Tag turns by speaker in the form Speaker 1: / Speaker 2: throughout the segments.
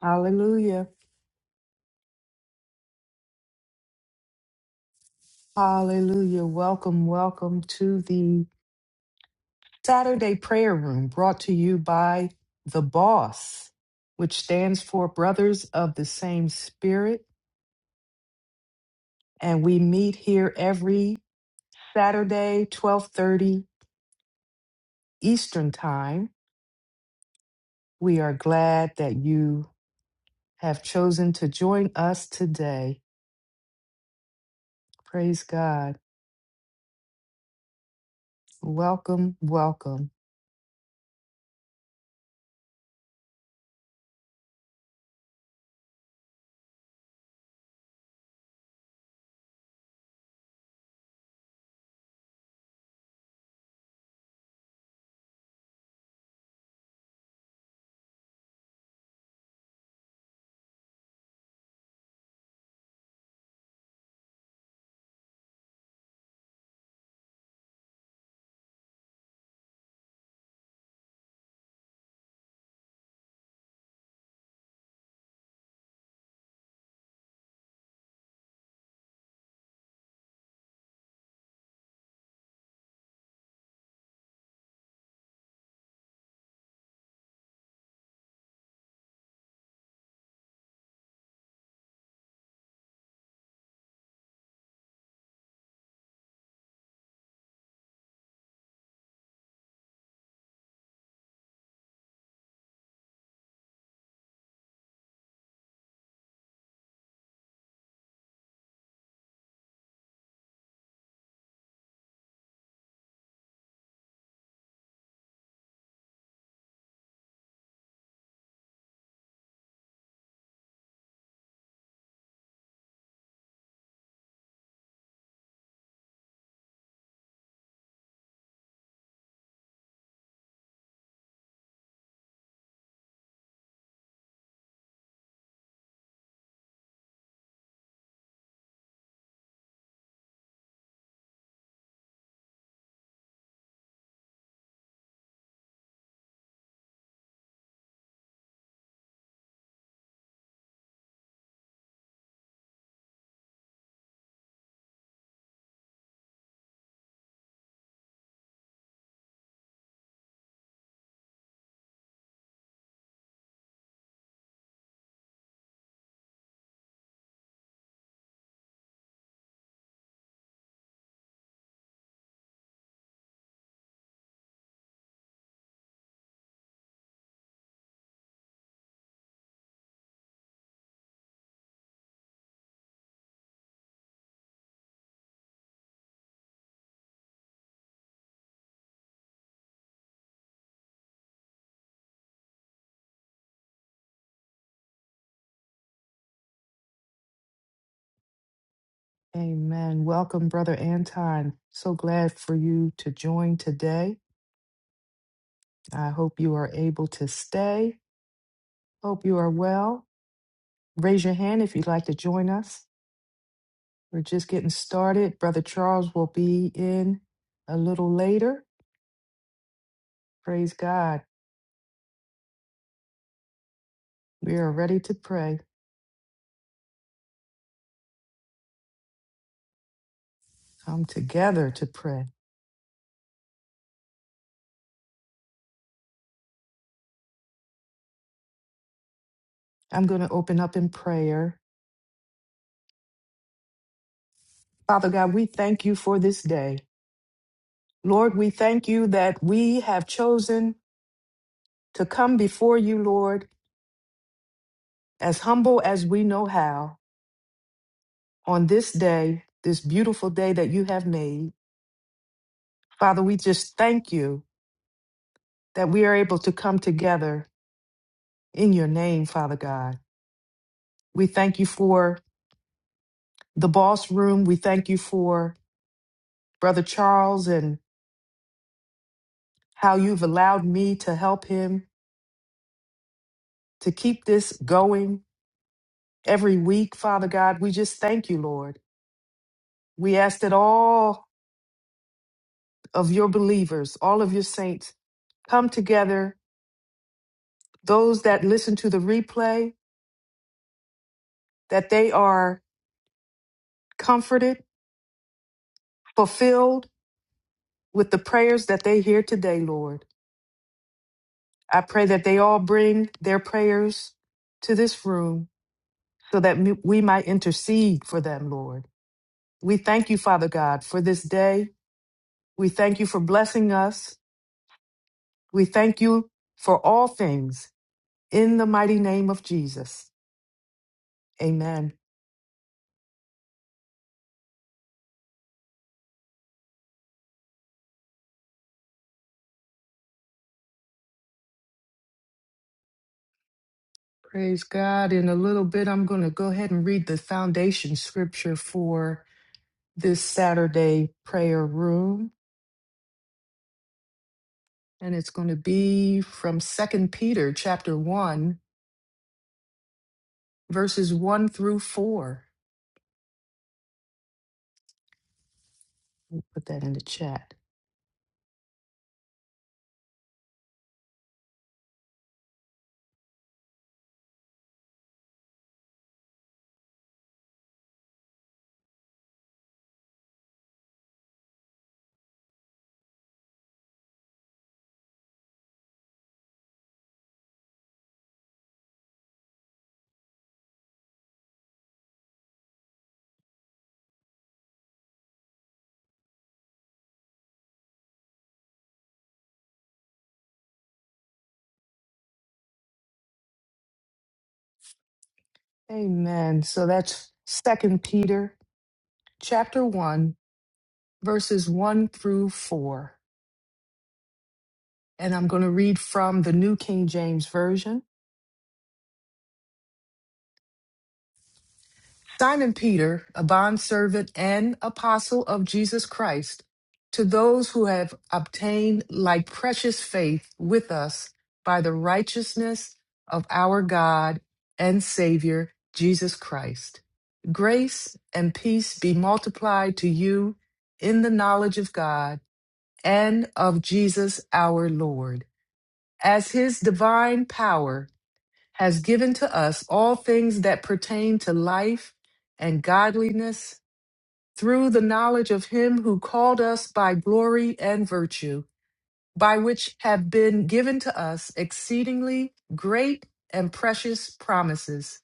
Speaker 1: Hallelujah. Hallelujah. Welcome, welcome to the Saturday Prayer Room brought to you by The Boss, which stands for Brothers of the Same Spirit, and we meet here every Saturday 12:30 Eastern Time. We are glad that you have chosen to join us today. Praise God. Welcome, welcome. Amen. Welcome, Brother Anton. So glad for you to join today. I hope you are able to stay. Hope you are well. Raise your hand if you'd like to join us. We're just getting started. Brother Charles will be in a little later. Praise God. We are ready to pray. Come together to pray. I'm going to open up in prayer. Father God, we thank you for this day. Lord, we thank you that we have chosen to come before you, Lord as humble as we know how, on this day, this beautiful day that you have made. Father, we just thank you that we are able to come together in your name, Father God. We thank you for the boss room. We thank you for Brother Charles and how you've allowed me to help him to keep this going every week, Father God. We just thank you, Lord. We ask that all of your believers, all of your saints, come together those that listen to the replay, that they are comforted, fulfilled with the prayers that they hear today, Lord. I pray that they all bring their prayers to this room so that m- we might intercede for them, Lord. We thank you, Father God, for this day. We thank you for blessing us. We thank you for all things in the mighty name of Jesus. Amen. Praise God. In a little bit, I'm going to go ahead and read the foundation scripture for this Saturday prayer room, and it's going to be from Second Peter chapter one, verses one through four. Put that in the chat. Amen. So that's Second Peter chapter one, verses one through four, and I'm going to read from the New King James Version. Simon Peter, a bondservant and apostle of Jesus Christ, to those who have obtained like precious faith with us by the righteousness of our God and Savior, Jesus Christ. Grace and peace be multiplied to you in the knowledge of God and of Jesus our Lord, as his divine power has given to us all things that pertain to life and godliness through the knowledge of him who called us by glory and virtue, by which have been given to us exceedingly great and precious promises,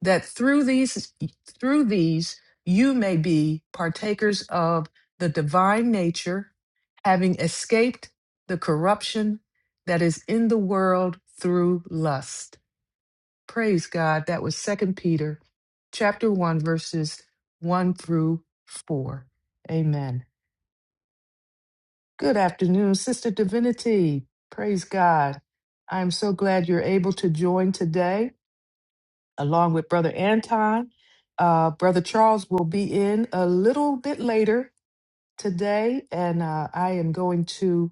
Speaker 1: that through these through these you may be partakers of the divine nature, having escaped the corruption that is in the world through lust. Praise God. That was Second Peter chapter 1 verses 1 through 4. Amen. Good afternoon, Sister Divinity. Praise God. I am so glad you're able to join today along with Brother Anton. Uh, Brother Charles will be in a little bit later today, and uh, I am going to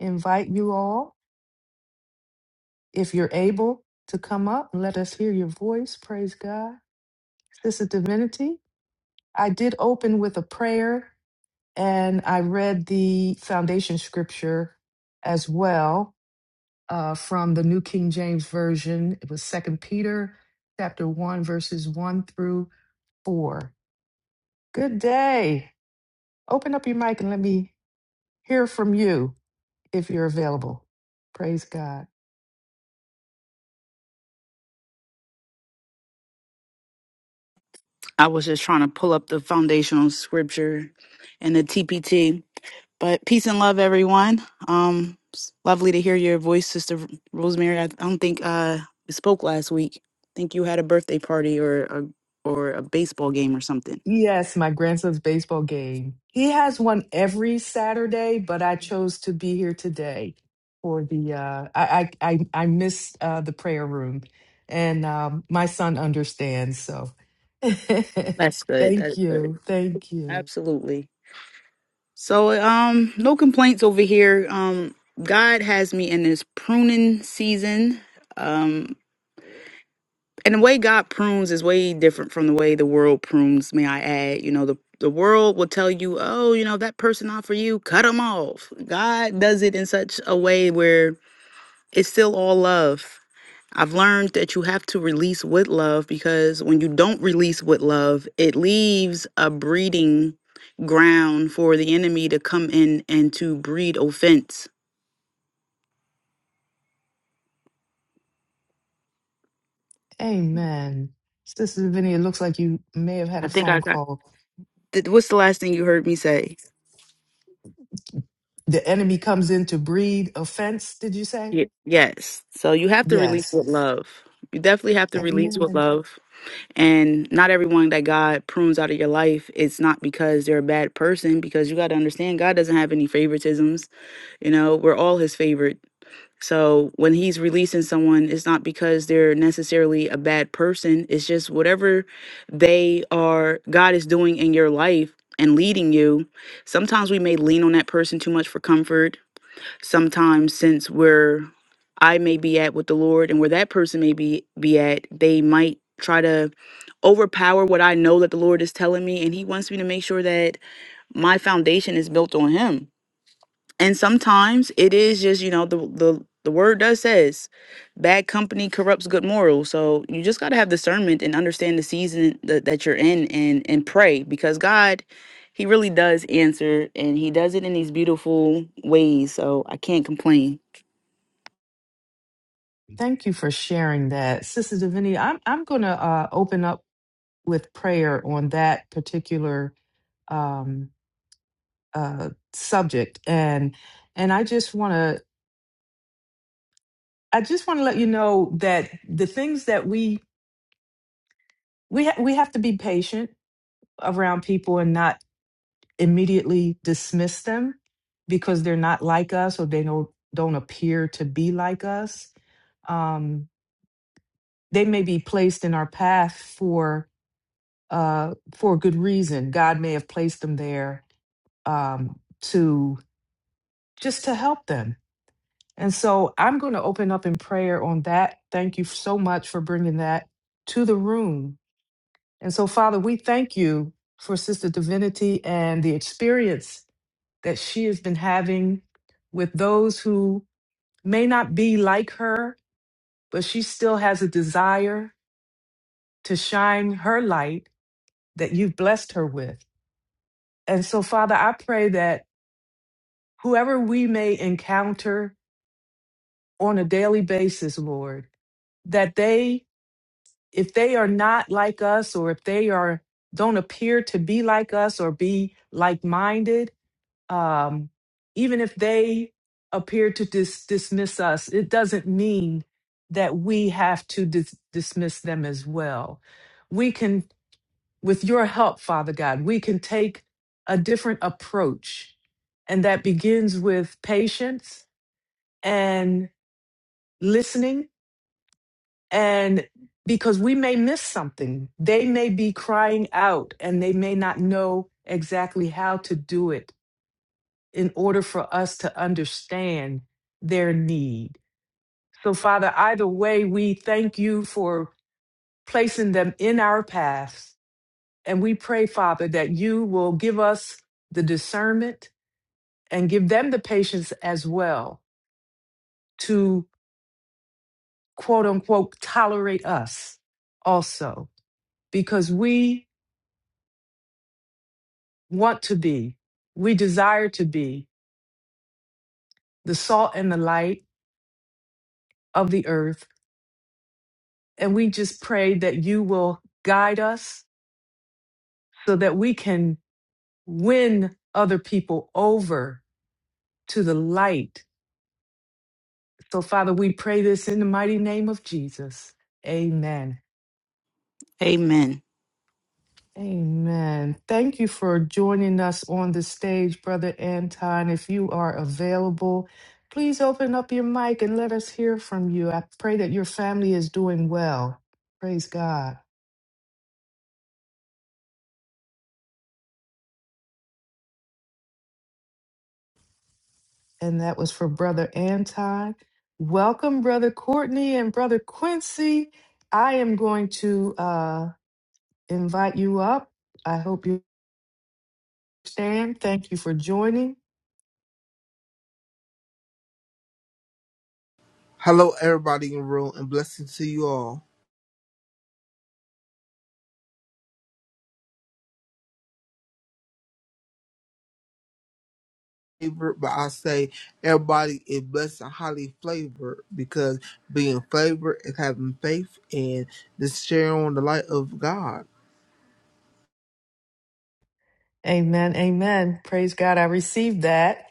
Speaker 1: invite you all, if you're able, to come up and let us hear your voice. Praise God. Sister Divinity, I did open with a prayer and I read the foundation scripture as well uh, from the New King James Version. It was Second Peter chapter 1, verses 1 through 4. Good day. Open up your mic and let me hear from you if you're available. Praise God.
Speaker 2: I was just trying to pull up the foundational scripture and the TPT. But peace and love, everyone. Um, it's lovely to hear your voice, Sister Rosemary. I don't think uh, we spoke last week. I think you had a birthday party or a, or a baseball game or something.
Speaker 1: Yes, my grandson's baseball game. He has one every Saturday, but I chose to be here today for the uh I I I, I missed uh the prayer room and um my son understands, so
Speaker 2: That's good. That's
Speaker 1: thank
Speaker 2: good.
Speaker 1: you. Thank you.
Speaker 2: Absolutely. So um no complaints over here. Um God has me in this pruning season. Um and the way God prunes is way different from the way the world prunes, may I add. You know, the the world will tell you, "Oh, you know, that person not for you, cut them off." God does it in such a way where it's still all love. I've learned that you have to release with love because when you don't release with love, it leaves a breeding ground for the enemy to come in and to breed offense.
Speaker 1: Amen. Sister Vinny, it looks like you may have had
Speaker 2: I
Speaker 1: a
Speaker 2: think I
Speaker 1: phone
Speaker 2: got.
Speaker 1: call.
Speaker 2: Th- What's the last thing you heard me say?
Speaker 1: The enemy comes in to breed offense, did you say?
Speaker 2: Ye- Yes. So you have to release
Speaker 1: Yes.
Speaker 2: with love. You definitely have to release with
Speaker 1: Amen.
Speaker 2: love. And not everyone that God prunes out of your life, it's not because they're a bad person, because you got to understand God doesn't have any favoritisms. You know, we're all his favorite So when he's releasing someone, it's not because they're necessarily a bad person. It's just whatever they are, God is doing in your life and leading you. Sometimes we may lean on that person too much for comfort. Sometimes, since where I may be at with the Lord and where that person may be, be at, they might try to overpower what I know that the Lord is telling me. And He wants me to make sure that my foundation is built on Him and sometimes it is just you know the the the word does says bad company corrupts good morals so you just got to have discernment and understand the season that, that you're in and and pray because god he really does answer and he does it in these beautiful ways so i can't complain
Speaker 1: Thank you for sharing that. Sister Divinity, I'm I'm going to uh, open up with prayer on that particular um, uh, subject and and I just want to I just want to let you know that the things that we we ha- we have to be patient around people and not immediately dismiss them because they're not like us or they don't don't appear to be like us. Um, they may be placed in our path for uh, for a good reason. God may have placed them there um, to just to help them. And so I'm going to open up in prayer on that. Thank you so much for bringing that to the room. And so, Father, we thank you for Sister Divinity and the experience that she has been having with those who may not be like her, but she still has a desire to shine her light that you've blessed her with. And so, Father, I pray that whoever we may encounter on a daily basis, Lord, that they, if they are not like us or if they are don't appear to be like us or be like-minded, um, even if they appear to dis- dismiss us, it doesn't mean that we have to dis- dismiss them as well. We can, with your help, Father God, we can take a different approach, and that begins with patience and. listening and because we may miss something they may be crying out and they may not know exactly how to do it in order for us to understand their need so father either way we thank you for placing them in our paths and we pray father that you will give us the discernment and give them the patience as well to quote unquote tolerate us also because we want to be, we desire to be the salt and the light of the earth. And we just pray that you will guide us so that we can win other people over to the light. So, Father, we pray this in the mighty name of Jesus. Amen.
Speaker 2: amen
Speaker 1: Amen. Thank you for joining us on the stage, Brother Anton. If you are available, please open up your mic and let us hear from you. I pray that your family is doing well. Praise God. And that was for Brother Anton. Welcome, Brother Courtney and Brother Quincy. I am going to uh, invite you up. I hope you understand. Thank you for joining.
Speaker 3: Hello, everybody in the room, and blessings to you all. Flavored, but I say everybody is blessed and highly flavored because being flavored is having faith and this sharing on the light of God.
Speaker 1: Amen. Amen. Praise God. I received that.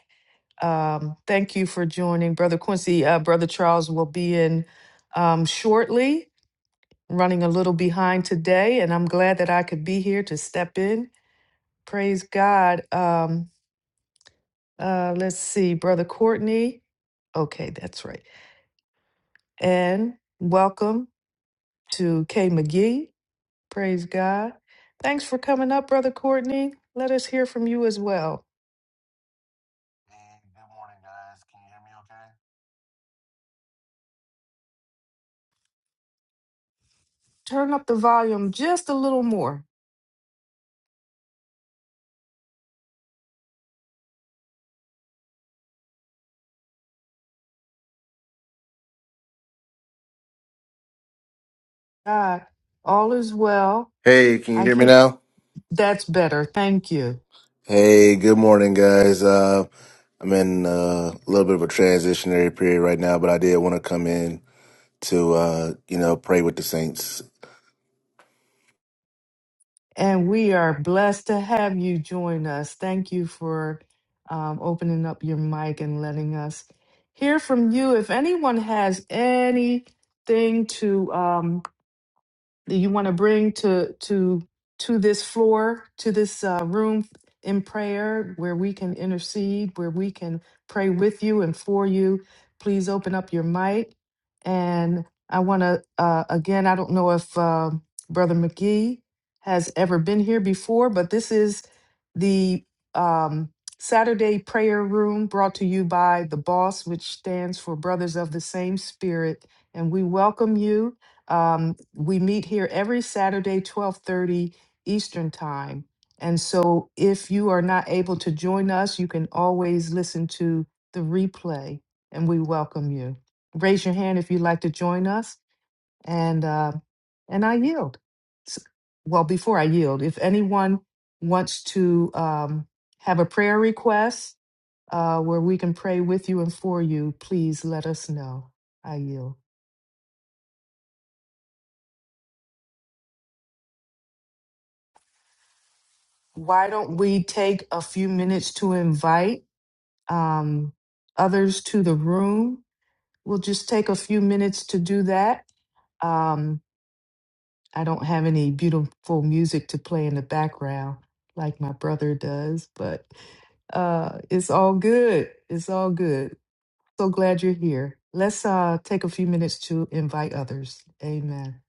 Speaker 1: Um, thank you for joining, Brother Quincy. Uh, Brother Charles will be in um, shortly, running a little behind today, and I'm glad that I could be here to step in. Praise God. Um, uh, let's see, Brother Courtney. Okay, that's right. And welcome to Kay McGee. Praise God. Thanks for coming up, Brother Courtney. Let us hear from you as well. Turn up the volume just a little more. God, all is well.
Speaker 4: Hey, can you
Speaker 1: I
Speaker 4: hear me
Speaker 1: can't.
Speaker 4: now?
Speaker 1: That's better. Thank you.
Speaker 4: Hey, good morning, guys. Uh, I'm in uh, a little bit of a transitionary period right now, but I did want to come in to, uh, you know, pray with the saints.
Speaker 1: And we are blessed to have you join us. Thank you for um, opening up your mic and letting us hear from you. If anyone has anything to um, that you want to bring to to to this floor to this uh, room in prayer where we can intercede where we can pray with you and for you please open up your mic and i want to uh, again i don't know if uh, brother mcgee has ever been here before but this is the um, saturday prayer room brought to you by the boss which stands for brothers of the same spirit and we welcome you um, we meet here every Saturday, 12:30 Eastern Time. And so if you are not able to join us, you can always listen to the replay and we welcome you. Raise your hand if you'd like to join us and uh, and I yield. S- Well, before I yield, if anyone wants to um, have a prayer request uh, where we can pray with you and for you, please let us know. I yield. why don't we take a few minutes to invite um, others to the room? We'll just take a few minutes to do that. Um, I don't have any beautiful music to play in the background like my brother does, but uh, it's all good. It's all good. So glad you're here. Let's uh, take a few minutes to invite others. Amen.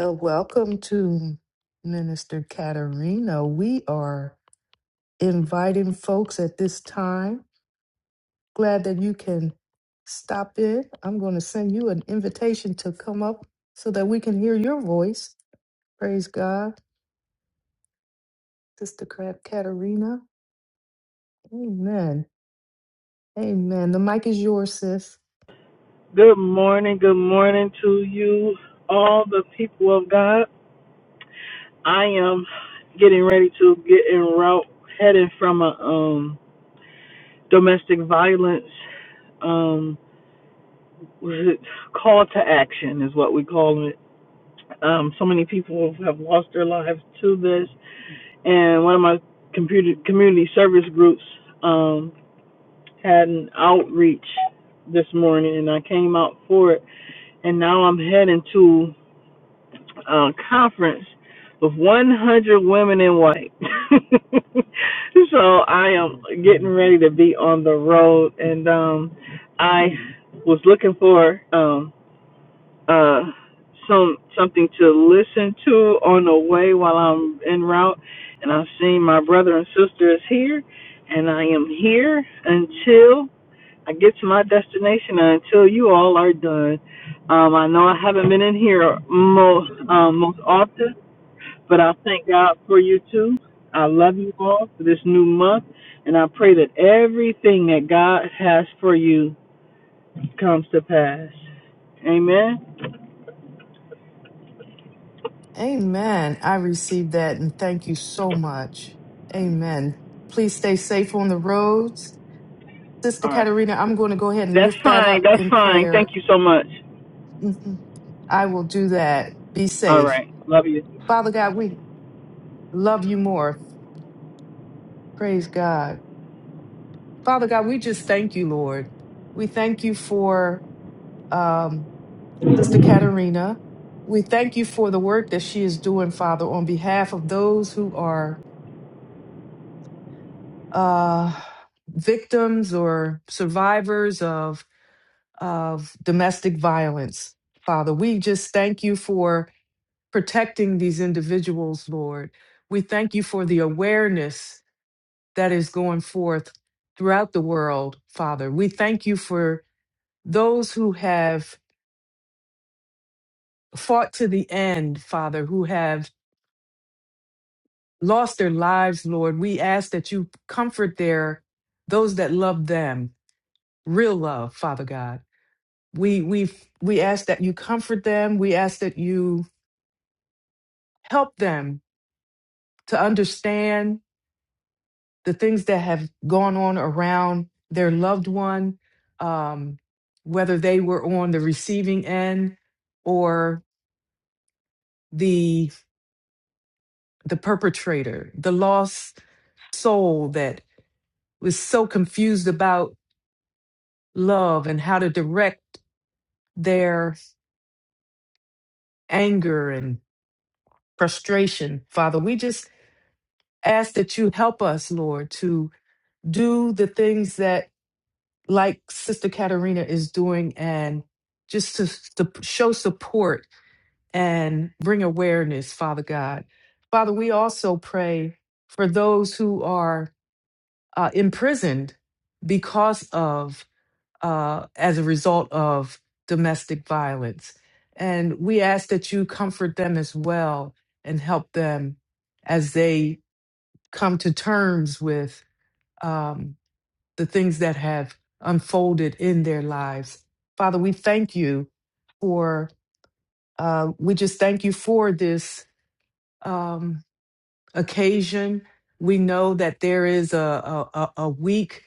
Speaker 1: Uh, welcome to Minister Katerina. We are. inviting folks at this time. Glad that you can stop in. I'm going to send you an invitation to come up so that we can hear your voice. Praise God. Sister Crab Katarina. Amen. Amen. The mic is yours, sis.
Speaker 5: Good morning. Good morning to you, all the people of God. I am getting ready to get en route, heading from a um, domestic violence um, was it call to action is what we call it. Um, so many people have lost their lives to this, and one of my computer community service groups um, had an outreach this morning, and I came out for it, and now I'm heading to uh, conference with 100 women in white. so I am getting ready to be on the road, and um, I was looking for um, uh, some something to listen to on the way while I'm en route, and i have seen my brother and sister is here, and I am here until I get to my destination until you all are done. Um, I know I haven't been in here most um, most often, but I thank God for you too. I love you all for this new month, and I pray that everything that God has for you comes to pass. Amen.
Speaker 1: Amen. I received that and thank you so much. Amen. Please stay safe on the roads. Sister
Speaker 5: All right.
Speaker 1: Katarina, I'm going to go ahead and
Speaker 5: That's
Speaker 1: lift that
Speaker 5: fine.
Speaker 1: up
Speaker 5: That's
Speaker 1: in
Speaker 5: fine. Thank
Speaker 1: prayer.
Speaker 5: you so much.
Speaker 1: Mhm. I will do that. Be
Speaker 5: All
Speaker 1: safe.
Speaker 5: right. Love you.
Speaker 1: Father God, we love you more. Praise God. Father God, we just thank you, Lord. We thank you for um, Sister Katerina. We thank you for the work that she is doing, Father, on behalf of those who are uh, victims or survivors of, of domestic violence, Father. We just thank you for protecting these individuals, Lord. We thank you for the awareness that is going forth throughout the world, Father. We thank you for those who have fought to the end, Father, who have lost their lives, Lord. We ask that you comfort their those that love them, real love, Father God. We we we ask that you comfort them. We ask that you help them to understand the things that have gone on around their loved one, um, whether they were on the receiving end or the the perpetrator, the lost soul that was so confused about love and how to direct their anger and frustration. Father, we just ask that you help us, Lord, to do the things that like Sister Katerina is doing and just to, to show support and bring awareness, Father God. Father, we also pray for those who are uh, imprisoned because of, uh, as a result of domestic violence. And we ask that you comfort them as well and help them as they come to terms with um, the things that have unfolded in their lives. Father, we thank you for, uh, we just thank you for this. Um, occasion. We know that there is a, a, a a week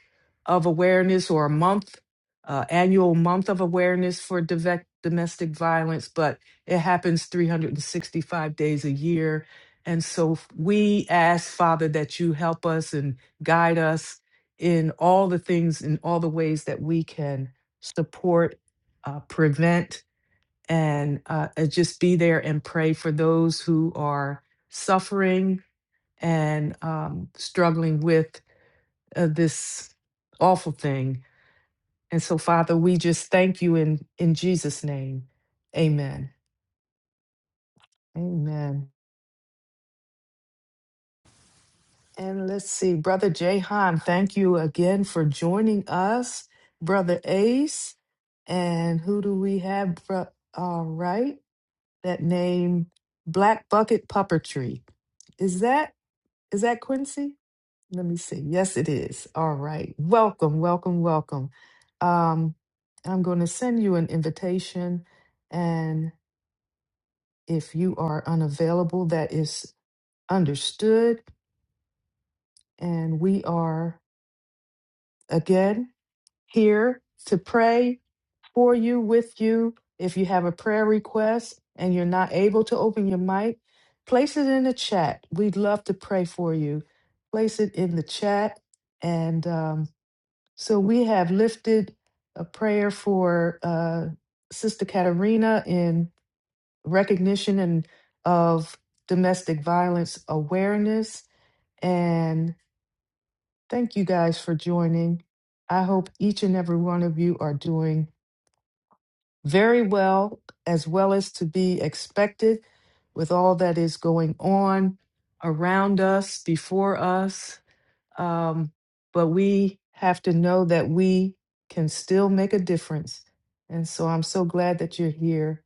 Speaker 1: of awareness or a month, uh, annual month of awareness for dove- domestic violence, but it happens 365 days a year. And so f- we ask, Father, that you help us and guide us in all the things, in all the ways that we can support, uh, prevent, and uh, uh, just be there and pray for those who are suffering and um, struggling with uh, this awful thing. And so, Father, we just thank you in, in Jesus' name. Amen. Amen. And let's see, Brother Jahan, thank you again for joining us. Brother Ace, and who do we have? Bro- All right, that name, Black Bucket Puppetry. Is that is that Quincy? Let me see. Yes, it is. All right. Welcome, welcome, welcome. Um, I'm going to send you an invitation. And if you are unavailable, that is understood. And we are again here to pray for you, with you. If you have a prayer request and you're not able to open your mic, place it in the chat. We'd love to pray for you. Place it in the chat. And um, So we have lifted a prayer for uh, Sister Katerina in recognition and of domestic violence awareness. And thank you guys for joining. I hope each and every one of you are doing very well, as well as to be expected with all that is going on around us, before us. Um, but we have to know that we can still make a difference. And so I'm so glad that you're here.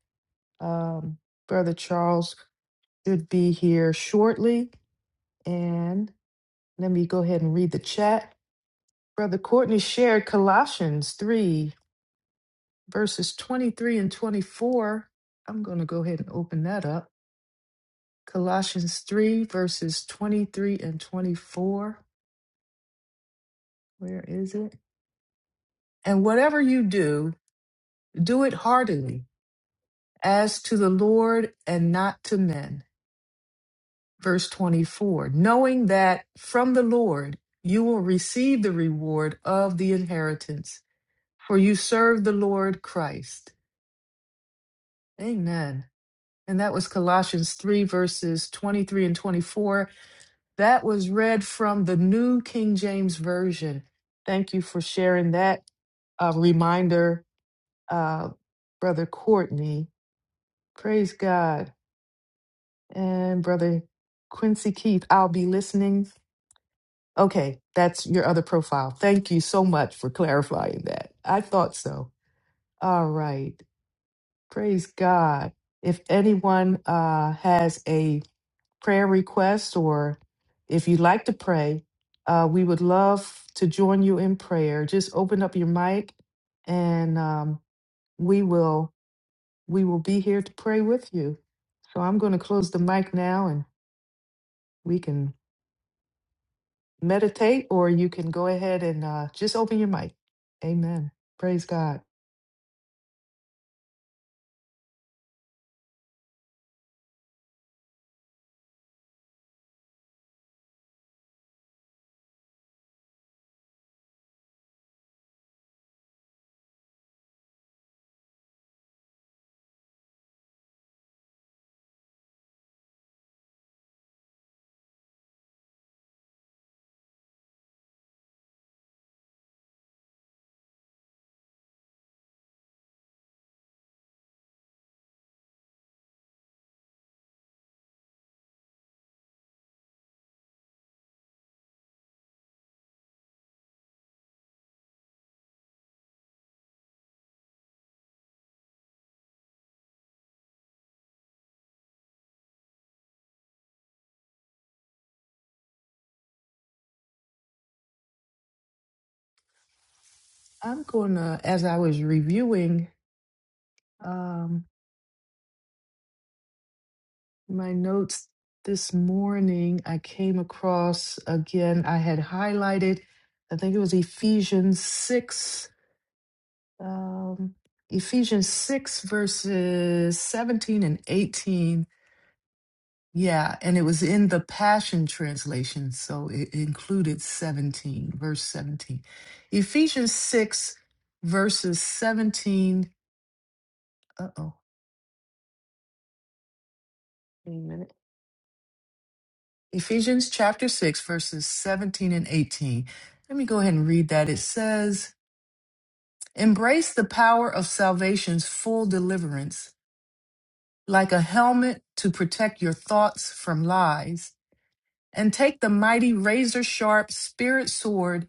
Speaker 1: Um, Brother Charles should be here shortly. And let me go ahead and read the chat. Brother Courtney shared Colossians 3, verses 23 and 24. I'm going to go ahead and open that up. Colossians 3, verses 23 and 24. Where is it? And whatever you do, do it heartily as to the Lord and not to men. Verse 24, knowing that from the Lord you will receive the reward of the inheritance, for you serve the Lord Christ. Amen. And that was Colossians 3, verses 23 and 24. That was read from the New King James Version. Thank you for sharing that uh, reminder, uh, Brother Courtney. Praise God. And brother Quincy Keith, I'll be listening. Okay, that's your other profile. Thank you so much for clarifying that. I thought so. All right. Praise God. If anyone uh, has a prayer request or if you'd like to pray, uh, we would love to join you in prayer. Just open up your mic and um, we will we will be here to pray with you. So I'm going to close the mic now and we can meditate or you can go ahead and uh, just open your mic. Amen. Praise God. I'm going to, as I was reviewing um, my notes this morning, I came across again, I had highlighted, I think it was Ephesians 6, um, Ephesians 6, verses 17 and 18 Yeah, and it was in the Passion Translation, so it included 17, verse 17. Ephesians 6, verses 17. Uh-oh, wait a minute. Ephesians chapter 6, verses 17 and 18. Let me go ahead and read that. It says, Embrace the power of salvation's full deliverance, like a helmet to protect your thoughts from lies and take the mighty razor sharp spirit sword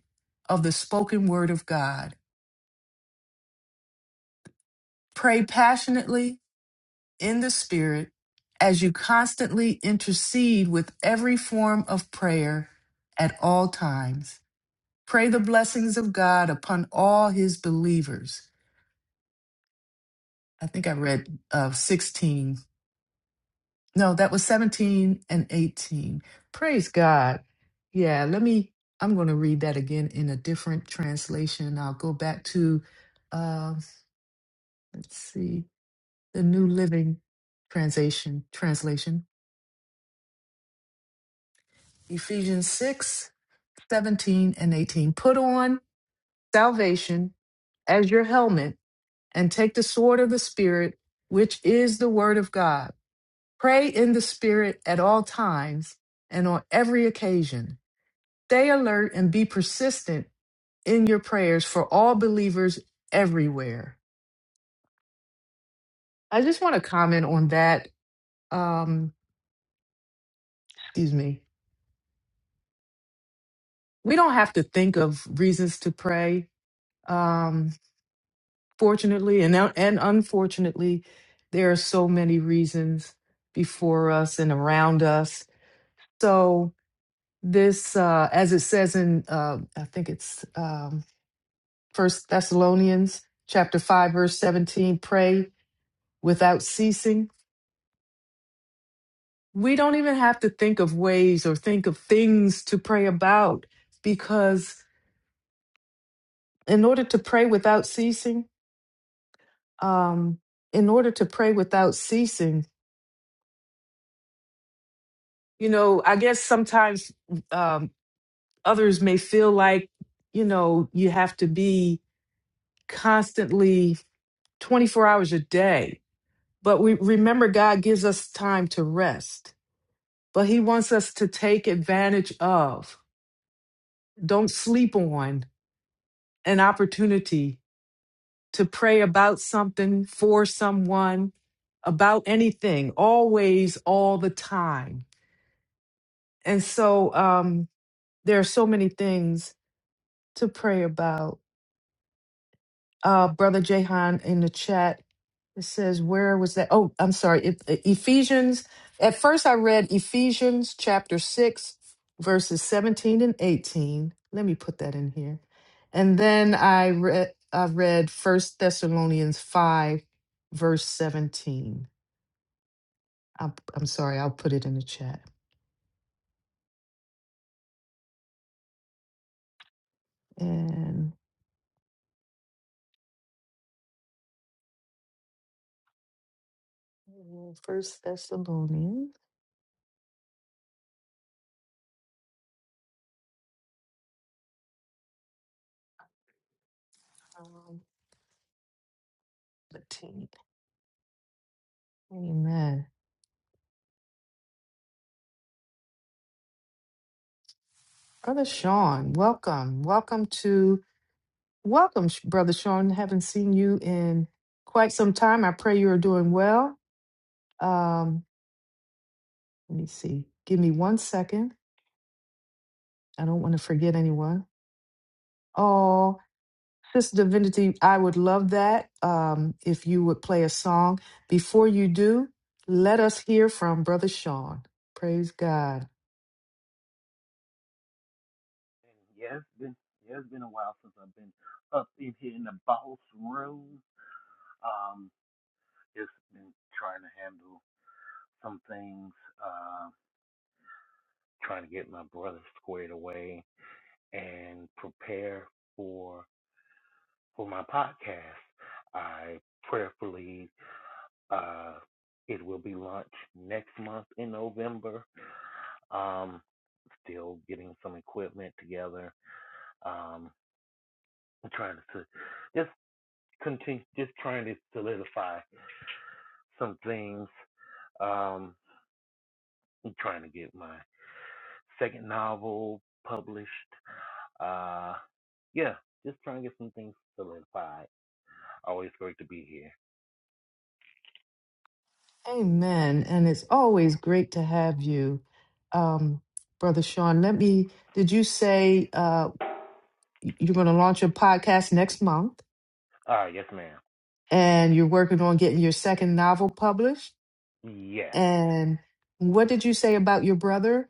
Speaker 1: of the spoken word of God. Pray passionately in the spirit as you constantly intercede with every form of prayer at all times. Pray the blessings of God upon all his believers. I think I read uh, 16 No, that was 17 and 18. Praise God. Yeah, let me, I'm going to read that again in a different translation. I'll go back to, uh, let's see, the New Living Translation. Translation. Ephesians 6 17 and 18. Put on salvation as your helmet and take the sword of the Spirit, which is the word of God. Pray in the Spirit at all times and on every occasion Stay alert and be persistent in your prayers for all believers everywhere. I just want to comment on that. Um, excuse me. We don't have to think of reasons to pray. Um, fortunately and and unfortunately, there are so many reasons before us and around us. So this, uh, as it says in, uh, I think it's um, First Thessalonians chapter five, verse seventeen: pray without ceasing we don't even have to think of ways or think of things to pray about because in order to pray without ceasing um in order to pray without ceasing you know i guess sometimes um others may feel like you know you have to be constantly 24 hours a day but we remember god gives us time to rest but he wants us to take advantage of don't sleep on an opportunity to pray about something for someone, about anything, always, all the time. And so um, there are so many things to pray about. uh, Brother Jahan in the chat. It says, where was that? Oh, I'm sorry. It, Ephesians. At first, I read Ephesians chapter 6, verses 17 and 18. Let me put that in here. And then I read, I read First Thessalonians 5, verse 17. I'm, I'm sorry. I'll put it in the chat. And First Thessalonians um, 17. Amen. Brother Sean, welcome. Welcome to Welcome, Sh- Brother Sean. Haven't seen you in quite some time. I pray you are doing well. Um, let me see. Give me one second. I don't want to forget anyone. Oh, Sister Divinity, I would love that um, if you would play a song. Before you do, let us hear from Brother Sean. Praise God.
Speaker 6: And yeah, it's been yeah, it's been a while since I've been up in here in the boss room. Um, just been trying to handle some things, uh, trying to get my brother squared away and prepare for for my podcast. I prayerfully uh it will be launched next month in November. Um, still getting some equipment together. Um, I'm trying to just continue, just trying to solidify some things. Um, I'm trying to get my second novel published. Uh, yeah, just trying to get some things solidified. Always great to be here.
Speaker 1: Amen. And it's always great to have you, um, Brother Sean. Let me, did you say uh, y- you're going to launch a podcast next month?
Speaker 6: Uh, yes, ma'am.
Speaker 1: and you're working on getting your second novel published.
Speaker 6: Yes.
Speaker 1: And what did you say about your brother?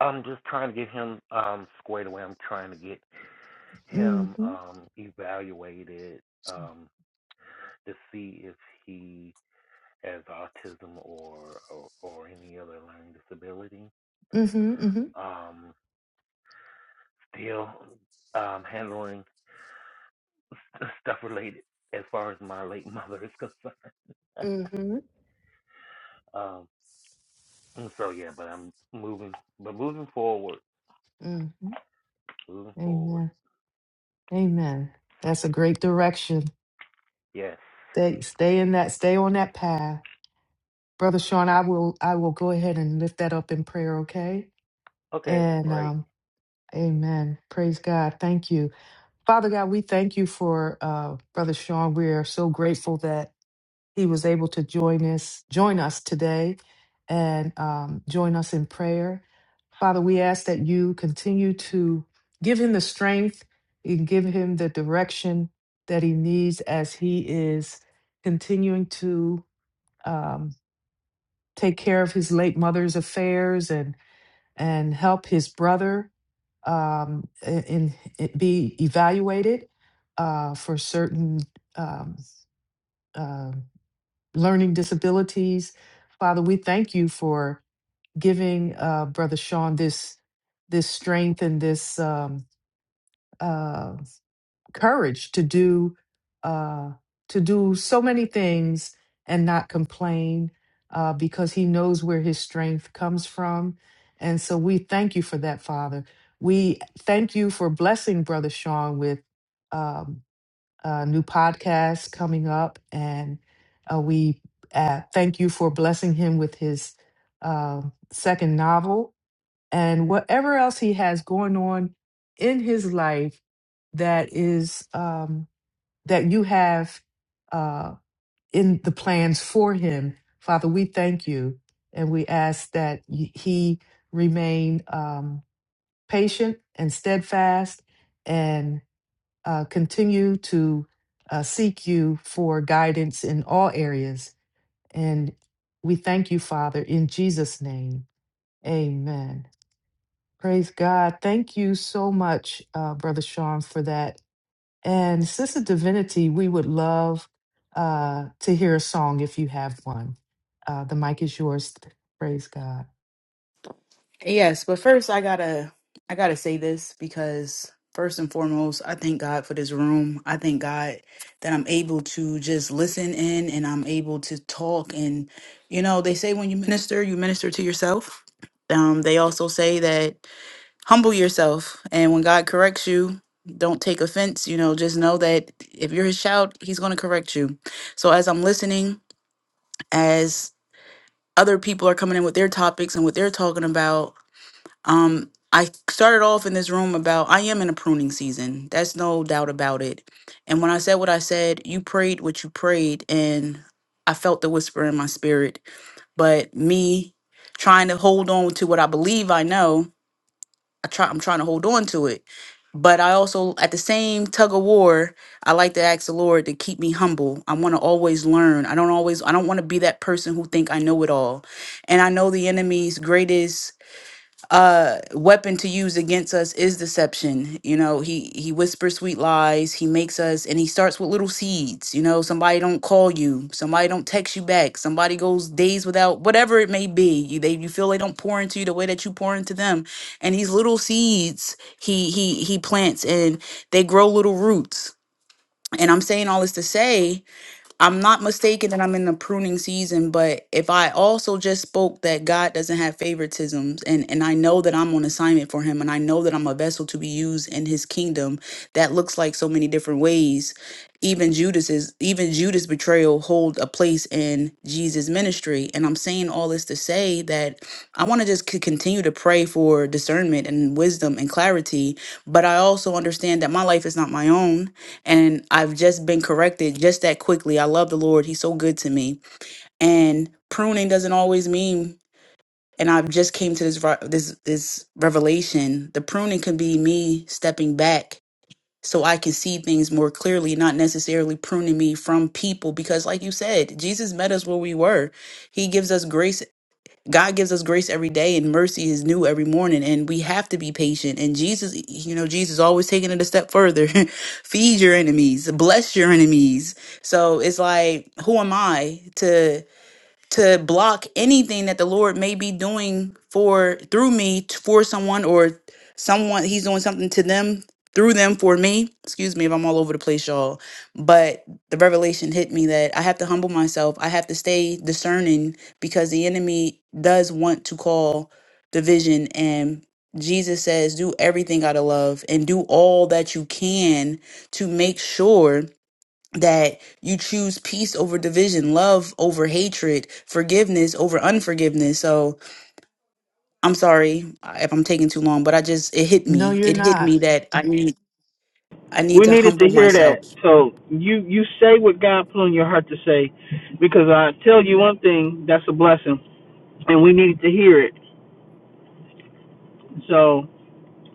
Speaker 6: I'm just trying to get him um, squared away. I'm trying to get him
Speaker 1: Mm-hmm.
Speaker 6: um, evaluated um, to see if he has autism or, or or any other learning disability.
Speaker 1: Mm-hmm. Mm-hmm.
Speaker 6: Um, still um, handling stuff related as far as my late mother is concerned.
Speaker 1: Mm-hmm.
Speaker 6: Um, so yeah, but I'm moving, but moving forward,
Speaker 1: Mm-hmm.
Speaker 6: moving forward.
Speaker 1: Amen. Amen. That's a great direction.
Speaker 6: Yes.
Speaker 1: Stay, stay in that, stay on that path. Brother Sean, I will I will go ahead and lift that up in prayer, okay?
Speaker 6: Okay.
Speaker 1: And
Speaker 6: Great.
Speaker 1: um, Amen. Praise God. Thank you. Father God, we thank you for uh Brother Sean. We are so grateful that he was able to join us join us today and um, join us in prayer father we ask that you continue to give him the strength and give him the direction that he needs as he is continuing to um, take care of his late mother's affairs and and help his brother um, in, in be evaluated uh, for certain um, um, learning disabilities. Father, we thank you for giving uh, Brother Sean this this strength and this um, uh, courage to do uh, to do so many things and not complain uh, because he knows where his strength comes from. And so we thank you for that, Father. We thank you for blessing Brother Sean with. um, uh, new podcast coming up, and uh, we uh, thank you for blessing him with his uh, second novel and whatever else he has going on in his life that is um, that you have uh, in the plans for him. Father, we thank you, and we ask that y- he remain um, patient and steadfast, uh, continue to uh, seek you for guidance in all areas. And we thank you, Father, in Jesus' name. Amen. Praise God. Thank you so much, uh, Brother Sean, for that. And Sister Divinity, we would love uh, to hear a song if you have one. Uh, the mic is yours. Praise God.
Speaker 2: Yes, but first I gotta I gotta say this because first and foremost, I thank God for this room. I thank God that I'm able to just listen in and I'm able to talk and you know, they say when you minister, you minister to yourself. Um, they also say that humble yourself and when God corrects you, don't take offense, you know, just know that if you're his child, he's gonna correct you. So as I'm listening, as other people are coming in with their topics and what they're talking about um, I started off in this room about I am in a pruning season. That's no doubt about it. And when I said what I said, you prayed what you prayed, and I felt the whisper in my spirit. But me trying to hold on to what I believe I know, I try I'm trying to hold on to it. But I also at the same tug of war, I like to ask the Lord to keep me humble. I want to always learn. I don't always I don't want to be that person who think I know it all. And I know the enemy's greatest uh weapon to use against us is deception you know he he whispers sweet lies he makes us and he starts with little seeds you know somebody don't call you somebody don't text you back somebody goes days without whatever it may be you they you feel they don't pour into you the way that you pour into them and these little seeds he he he plants and they grow little roots and i'm saying all this to say I'm not mistaken that I'm in the pruning season, but if I also just spoke that God doesn't have favoritisms and, and I know that I'm on assignment for him and I know that I'm a vessel to be used in his kingdom, that looks like so many different ways. Even Judas's even Judas betrayal hold a place in Jesus' ministry. And I'm saying all this to say that I want to just c- continue to pray for discernment and wisdom and clarity. But I also understand that my life is not my own and I've just been corrected just that quickly. I love the Lord; He's so good to me. And pruning doesn't always mean. And I've just came to this re- this this revelation. The pruning can be me stepping back so I can see things more clearly, not necessarily pruning me from people. Because, like you said, Jesus met us where we were. He gives us grace God gives us grace every day and mercy is new every morning and we have to be patient. And Jesus, you know, Jesus always taking it a step further. Feed your enemies, bless your enemies. So it's like, who am I to to block anything that the Lord may be doing for through me t- for someone or someone he's doing something to them through them for me. Excuse me if I'm all over the place, y'all. But the revelation hit me that I have to humble myself. I have to stay discerning because the enemy does want to call division and Jesus says, do everything out of love and do all that you can to make sure that you choose peace over division, love over hatred, forgiveness over unforgiveness. So I'm sorry if I'm taking too long, but I just it hit
Speaker 1: No,
Speaker 2: me.
Speaker 1: you're
Speaker 2: It hit
Speaker 1: not.
Speaker 2: me that I need I need
Speaker 5: We
Speaker 2: to
Speaker 5: needed to
Speaker 2: humble
Speaker 5: hear that.
Speaker 2: myself.
Speaker 5: So you you say what God put on your heart to say, because I tell you one thing, that's a blessing. and we needed to hear it. So,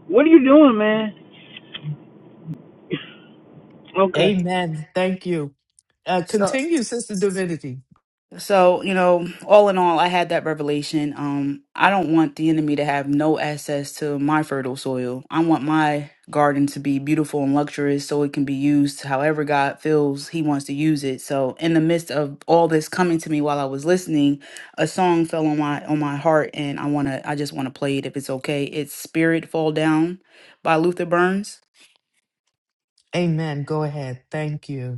Speaker 5: what are you doing, man? Okay.
Speaker 1: Amen. Thank you. Uh,
Speaker 2: So
Speaker 1: continue, Sister Divinity.
Speaker 2: So, you know, all in all, I had that revelation. Um, I don't want the enemy to have no access to my fertile soil. I want my garden to be beautiful and luxurious so it can be used however God feels He wants to use it. So, in the midst of all this coming to me while I was listening, a song fell on my on my heart and I want to I just want to play it if it's okay. It's Spirit Fall Down by Luther Burns.
Speaker 1: Amen. Go ahead. Thank you.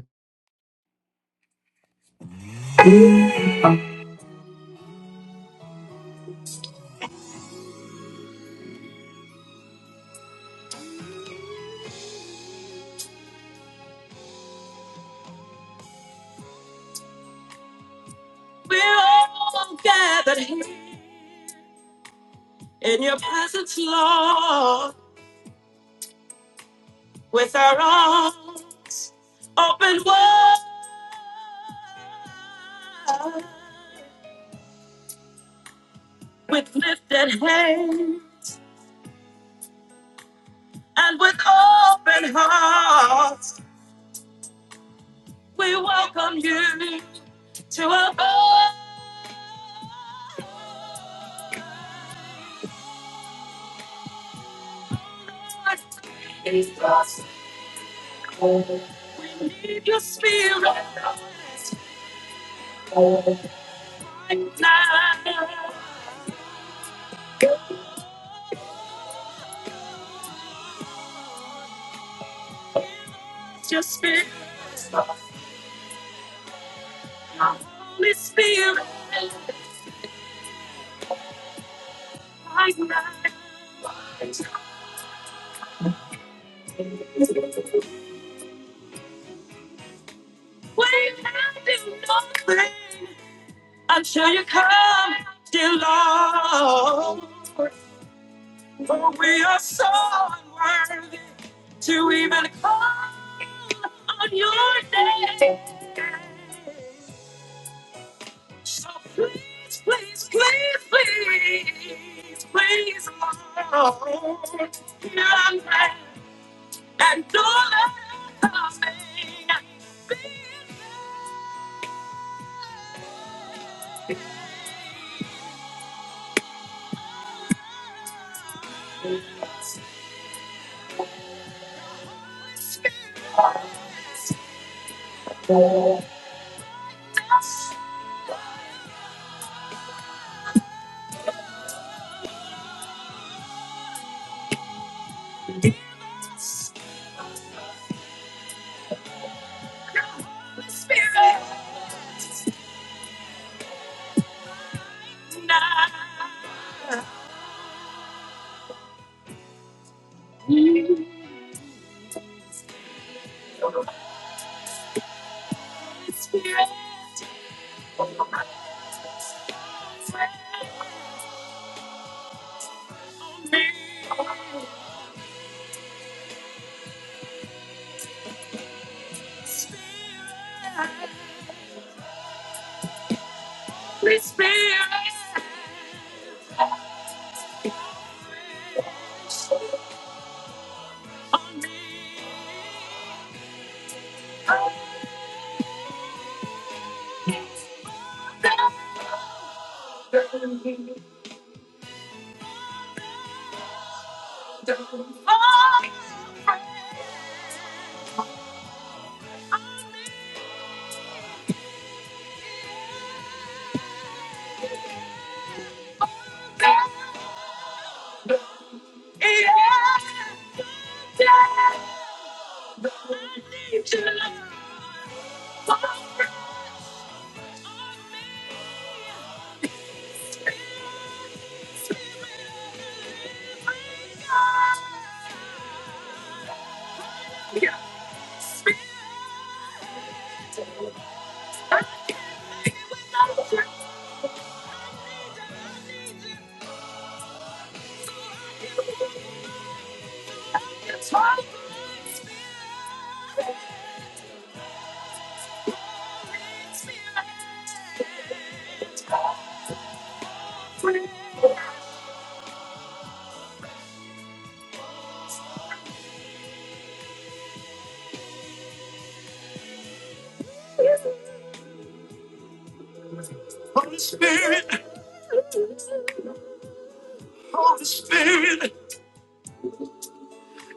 Speaker 2: Holy Spirit,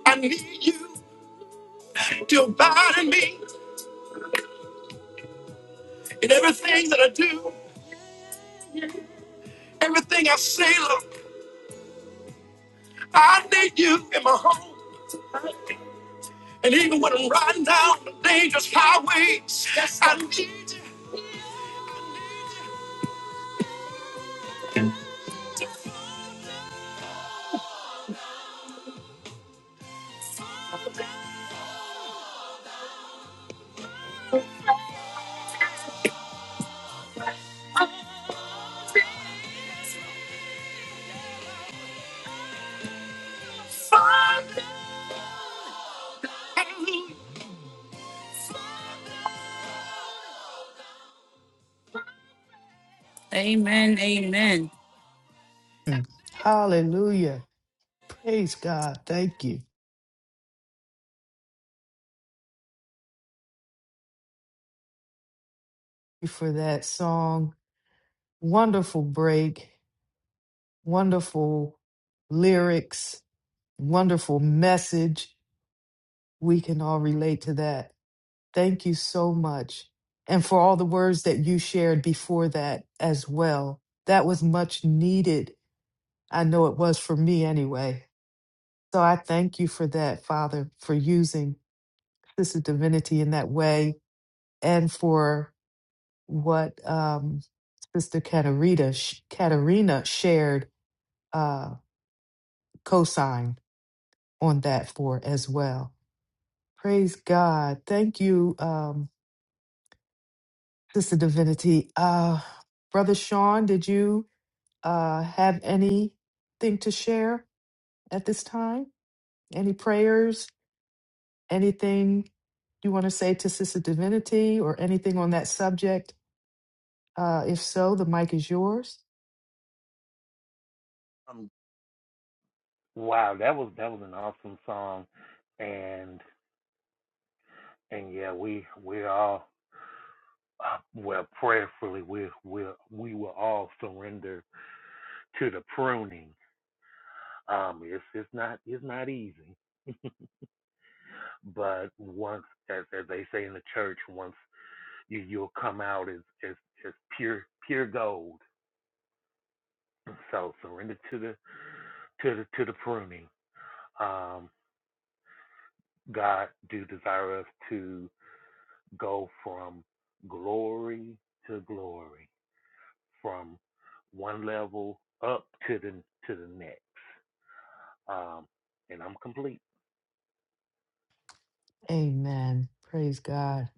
Speaker 2: I need you to abide in me in everything that I do. Everything I say, Lord, I need you in my home. And even when I'm riding down the dangerous highways, I need
Speaker 1: Mm. Hallelujah. Praise God. Thank you for that song. Wonderful break, wonderful lyrics, wonderful message. We can all relate to that. Thank you so much. And for all the words that you shared before that as well. That was much needed. I know it was for me anyway. So I thank you for that, Father, for using Sister Divinity in that way and for what um, Sister Katarina, sh- Katarina shared uh, cosign on that for as well. Praise God. Thank you, um, Sister Divinity. Uh, Brother Sean, did you uh, have anything to share at this time? Any prayers? Anything you want to say to Sister Divinity or anything on that subject? Uh, if so, the mic is yours.
Speaker 6: Um, Wow. That was that was an awesome song, and and yeah, we we all uh, well prayerfully we we we will all surrender to the pruning. Um, it's it's not it's not easy, but once as as they say in the church, once you you'll come out as as as pure pure gold. So surrender to the to the to the pruning. Um, God do desire us to go from glory to glory, from one level up to the to the next. Um, and I'm complete.
Speaker 1: Amen. Praise God.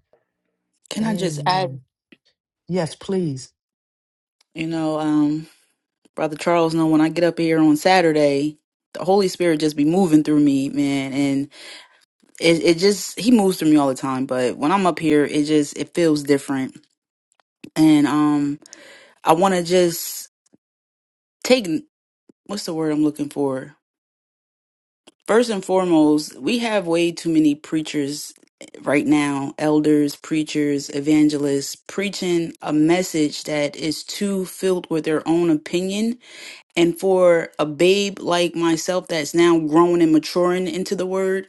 Speaker 2: Can I just
Speaker 1: Amen.
Speaker 2: add,
Speaker 1: Yes, please.
Speaker 2: you know, um, Brother Charles, know when I get up here on Saturday, the Holy Spirit just be moving through me, man. And it, it just he moves through me all the time. But when I'm up here, it just it feels different. And um I wanna just take what's the word I'm looking for? First and foremost, we have way too many preachers right now, elders, preachers, evangelists, preaching a message that is too filled with their own opinion. And for a babe like myself that's now growing and maturing into the word,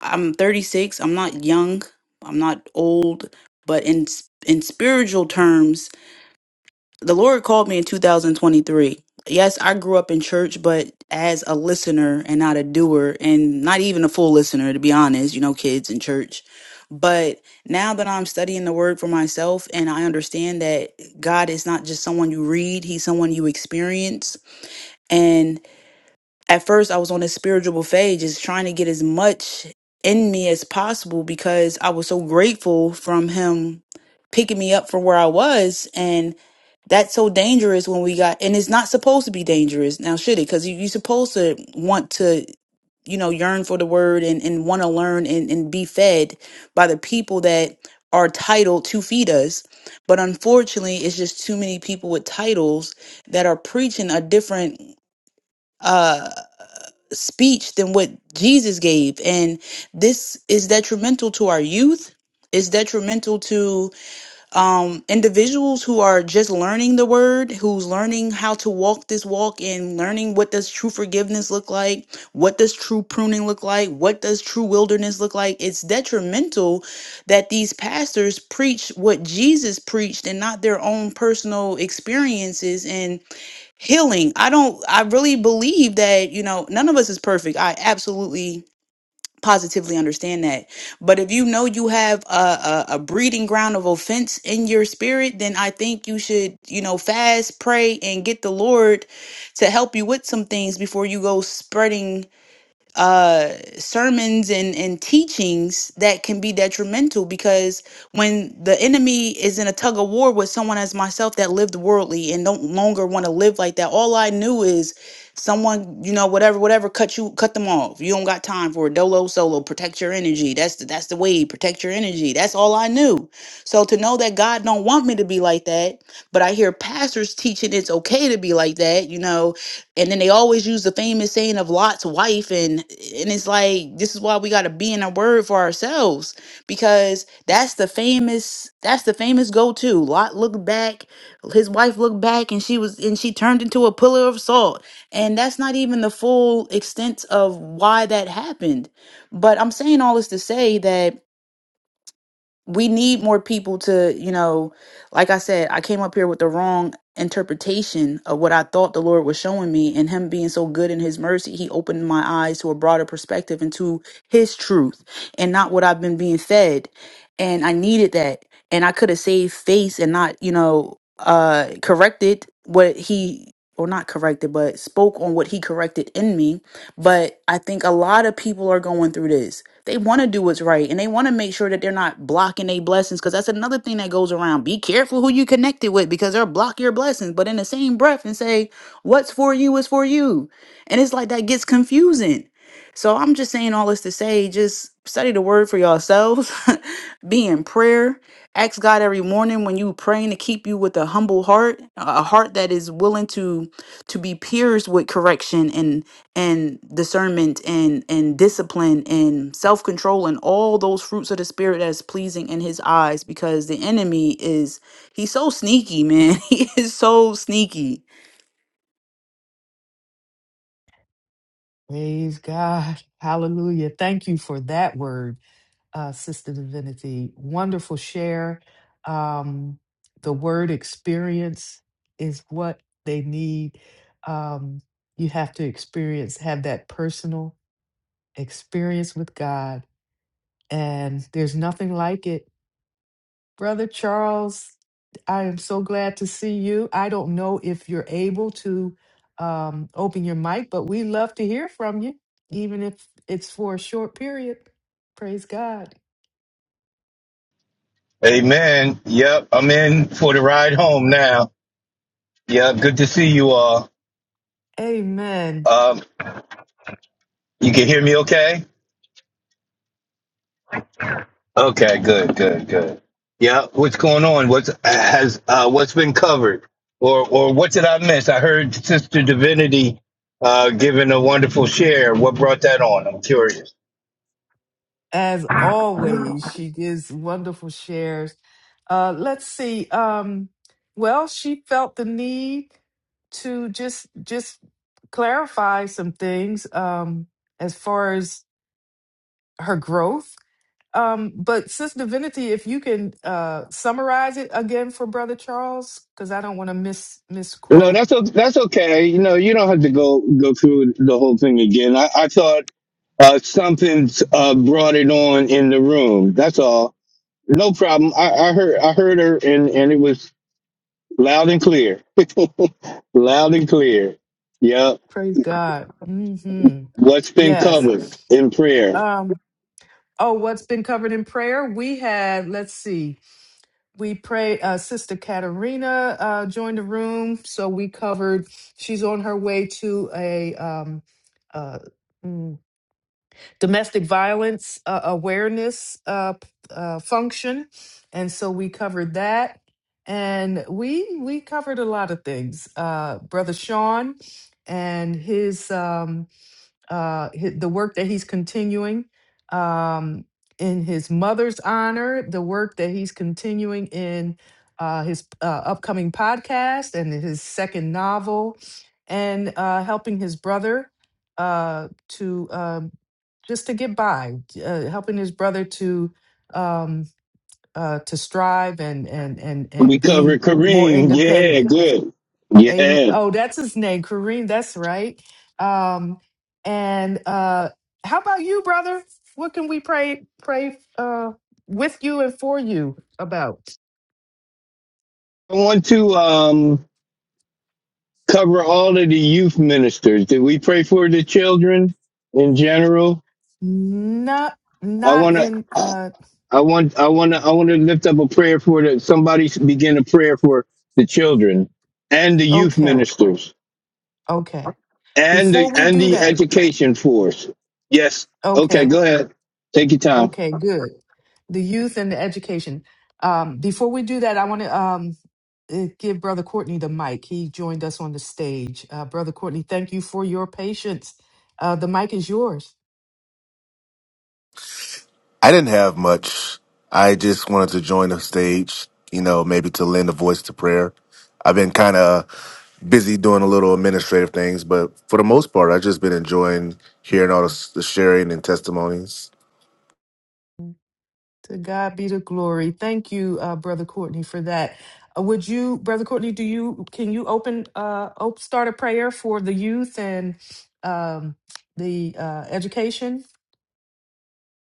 Speaker 2: I'm 36, I'm not young, I'm not old, but in in spiritual terms, the Lord called me in 2023. Yes, I grew up in church, but as a listener and not a doer, and not even a full listener, to be honest, you know, kids in church. But now that I'm studying the word for myself and I understand that God is not just someone you read, He's someone you experience. And at first, I was on a spiritual buffet, just trying to get as much in me as possible because I was so grateful from Him picking me up from where I was. And that's so dangerous when we got and it's not supposed to be dangerous now should it because you, you're supposed to want to you know yearn for the word and, and want to learn and, and be fed by the people that are titled to feed us but unfortunately it's just too many people with titles that are preaching a different uh speech than what jesus gave and this is detrimental to our youth it's detrimental um, individuals who are just learning the word, who's learning how to walk this walk and learning what does true forgiveness look like, what does true pruning look like, what does true wilderness look like. It's detrimental that these pastors preach what Jesus preached and not their own personal experiences and healing. I don't, I really believe that, you know, none of us is perfect. I absolutely positively understand that. But if you know you have a, a, a breeding ground of offense in your spirit, then I think you should, you know, fast, pray, and get the Lord to help you with some things before you go spreading uh, sermons and, and teachings that can be detrimental because when the enemy is in a tug of war with someone as myself that lived worldly and don't longer want to live like that, all I knew is someone, you know, whatever, whatever, cut you, cut them off. You don't got time for a dolo solo. Protect your energy. That's the, that's the way. Protect your energy. That's all I knew. So to know that God don't want me to be like that, but I hear pastors teaching it's okay to be like that, you know, and then they always use the famous saying of Lot's wife and and it's like this is why we got to be in our word for ourselves because that's the famous that's the famous go-to Lot looked back his wife looked back and she was and she turned into a pillar of salt and that's not even the full extent of why that happened but I'm saying all this to say that we need more people to, you know, like I said, I came up here with the wrong interpretation of what I thought the Lord was showing me, and Him being so good in His mercy, He opened my eyes to a broader perspective and to His truth and not what I've been being fed. And I needed that. And I could have saved face and not, you know, uh corrected what He or not corrected, but spoke on what He corrected in me but I think a lot of people are going through this. They want to do what's right and they want to make sure that they're not blocking their blessings because that's another thing that goes around. Be careful who you connected with because they'll block your blessings. But in the same breath and say, what's for you is for you. And it's like that gets confusing. So I'm just saying all this to say just study the word for yourselves, be in prayer, ask God every morning when you praying to keep you with a humble heart, a a heart that is willing to to be pierced with correction and and discernment and and discipline and self-control and all those fruits of the spirit that is pleasing in his eyes because the enemy is he's so sneaky man he is so sneaky
Speaker 1: Praise God. Hallelujah. Thank you for that word, uh, Sister Divinity. Wonderful share. Um, the word experience is what they need. Um, you have to experience, have that personal experience with God. And there's nothing like it. Brother Charles, I am so glad to see you. I don't know if you're able to um, open your mic, but we love to hear from you, even if it's for a short period. Praise God.
Speaker 7: Amen. Yep, I'm in for the ride home now. Yep, good to see you all.
Speaker 1: Amen.
Speaker 7: Um, you can hear me okay? Okay, good, good, good. Yep, what's going on? What's has uh what's been covered? Or or what did I miss? I heard Sister Divinity uh giving a wonderful share. What brought that on? I'm curious.
Speaker 1: As always, she gives wonderful shares. Uh, let's see. Um, well, she felt the need to just just clarify some things um, as far as her growth Um, but Sis Divinity, if you can uh, summarize it again for Brother Charles, because I don't want to miss
Speaker 7: No,
Speaker 1: misquote.
Speaker 7: that's o- that's okay. You know, you don't have to go go through the whole thing again. I, I thought uh, something uh, brought it on in the room. That's all. No problem. I, I heard I heard her and, and it was loud and clear. loud and clear. Yep.
Speaker 1: Praise God. hmm
Speaker 7: What's been
Speaker 1: Yes.
Speaker 7: covered in prayer?
Speaker 1: Um, oh, what's been covered in prayer? We had, let's see, we prayed, uh, Sister Katerina uh, joined the room. So we covered, she's on her way to a um, uh, mm, domestic violence uh, awareness uh, uh, function, and so we covered that, and we we covered a lot of things. Uh, Brother Sean and his. Um, uh, hi- the work that he's continuing um, in his mother's honor, the work that he's continuing in uh, his uh, upcoming podcast and his second novel, and uh, helping his brother uh, to um just to get by, uh, helping his brother to um, uh, to strive and and and
Speaker 7: We
Speaker 1: and
Speaker 7: covered
Speaker 1: be more
Speaker 7: Kareem. Yeah,
Speaker 1: independent
Speaker 7: good.
Speaker 1: Amen.
Speaker 7: Yeah.
Speaker 1: Oh, that's his name, Kareem. That's right. Um, and uh, how about you, brother? What can we pray pray uh, with you and for you about?
Speaker 7: I want to um cover all of the youth ministers. Did we pray for the children in general?
Speaker 1: Not
Speaker 7: I
Speaker 1: not
Speaker 7: wanna
Speaker 1: in. Uh,
Speaker 7: I want I wanna I wanna lift up a prayer for the somebody should begin a prayer for the children and the youth
Speaker 1: okay,
Speaker 7: ministers
Speaker 1: okay.
Speaker 7: and
Speaker 1: Before
Speaker 7: the
Speaker 1: we
Speaker 7: and
Speaker 1: do
Speaker 7: the
Speaker 1: that,
Speaker 7: education force. Yes. Okay,
Speaker 1: okay,
Speaker 7: go ahead. Take your time.
Speaker 1: okay, good. The youth and the education. Um, before we do that, I want to. Um, uh, give Brother Courtney the mic. He joined us on the stage. Uh, Brother Courtney, thank you for your patience. Uh, the mic is yours.
Speaker 4: I didn't have much. I just wanted to join the stage, you know, maybe to lend a voice to prayer. I've been kind of busy doing a little administrative things, but for the most part, I've just been enjoying hearing all the, the sharing and testimonies.
Speaker 1: To God be the glory. Thank you, uh, Brother Courtney, for that. Uh, would you, Brother Courtney, do you can you open uh op- start a prayer for the youth and um the uh education?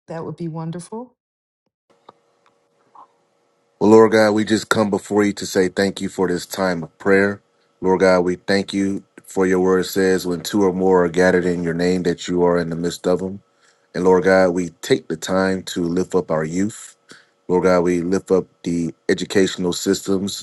Speaker 1: That would be wonderful.
Speaker 4: Well, Lord God, we just come before you to say thank you for this time of prayer. Lord God, we thank you for your word says when two or more are gathered in your name that you are in the midst of them. And Lord God, we take the time to lift up our youth. Lord God, we lift up the educational systems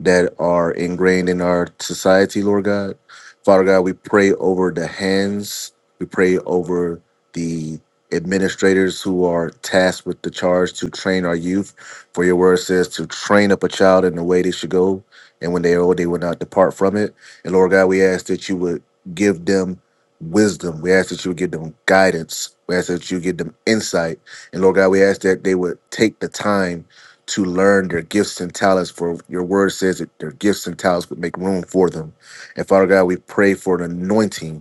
Speaker 4: that are ingrained in our society, Lord God. Father God, we pray over the hands, we pray over the administrators who are tasked with the charge to train our youth. For your word says to train up a child in the way they should go, and when they are old, they will not depart from it. And Lord God, we ask that you would give them wisdom. We ask that you would give them guidance. We ask that you give them insight. And Lord God, we ask that they would take the time to learn their gifts and talents. For your word says that their gifts and talents would make room for them. And Father God, we pray for an anointing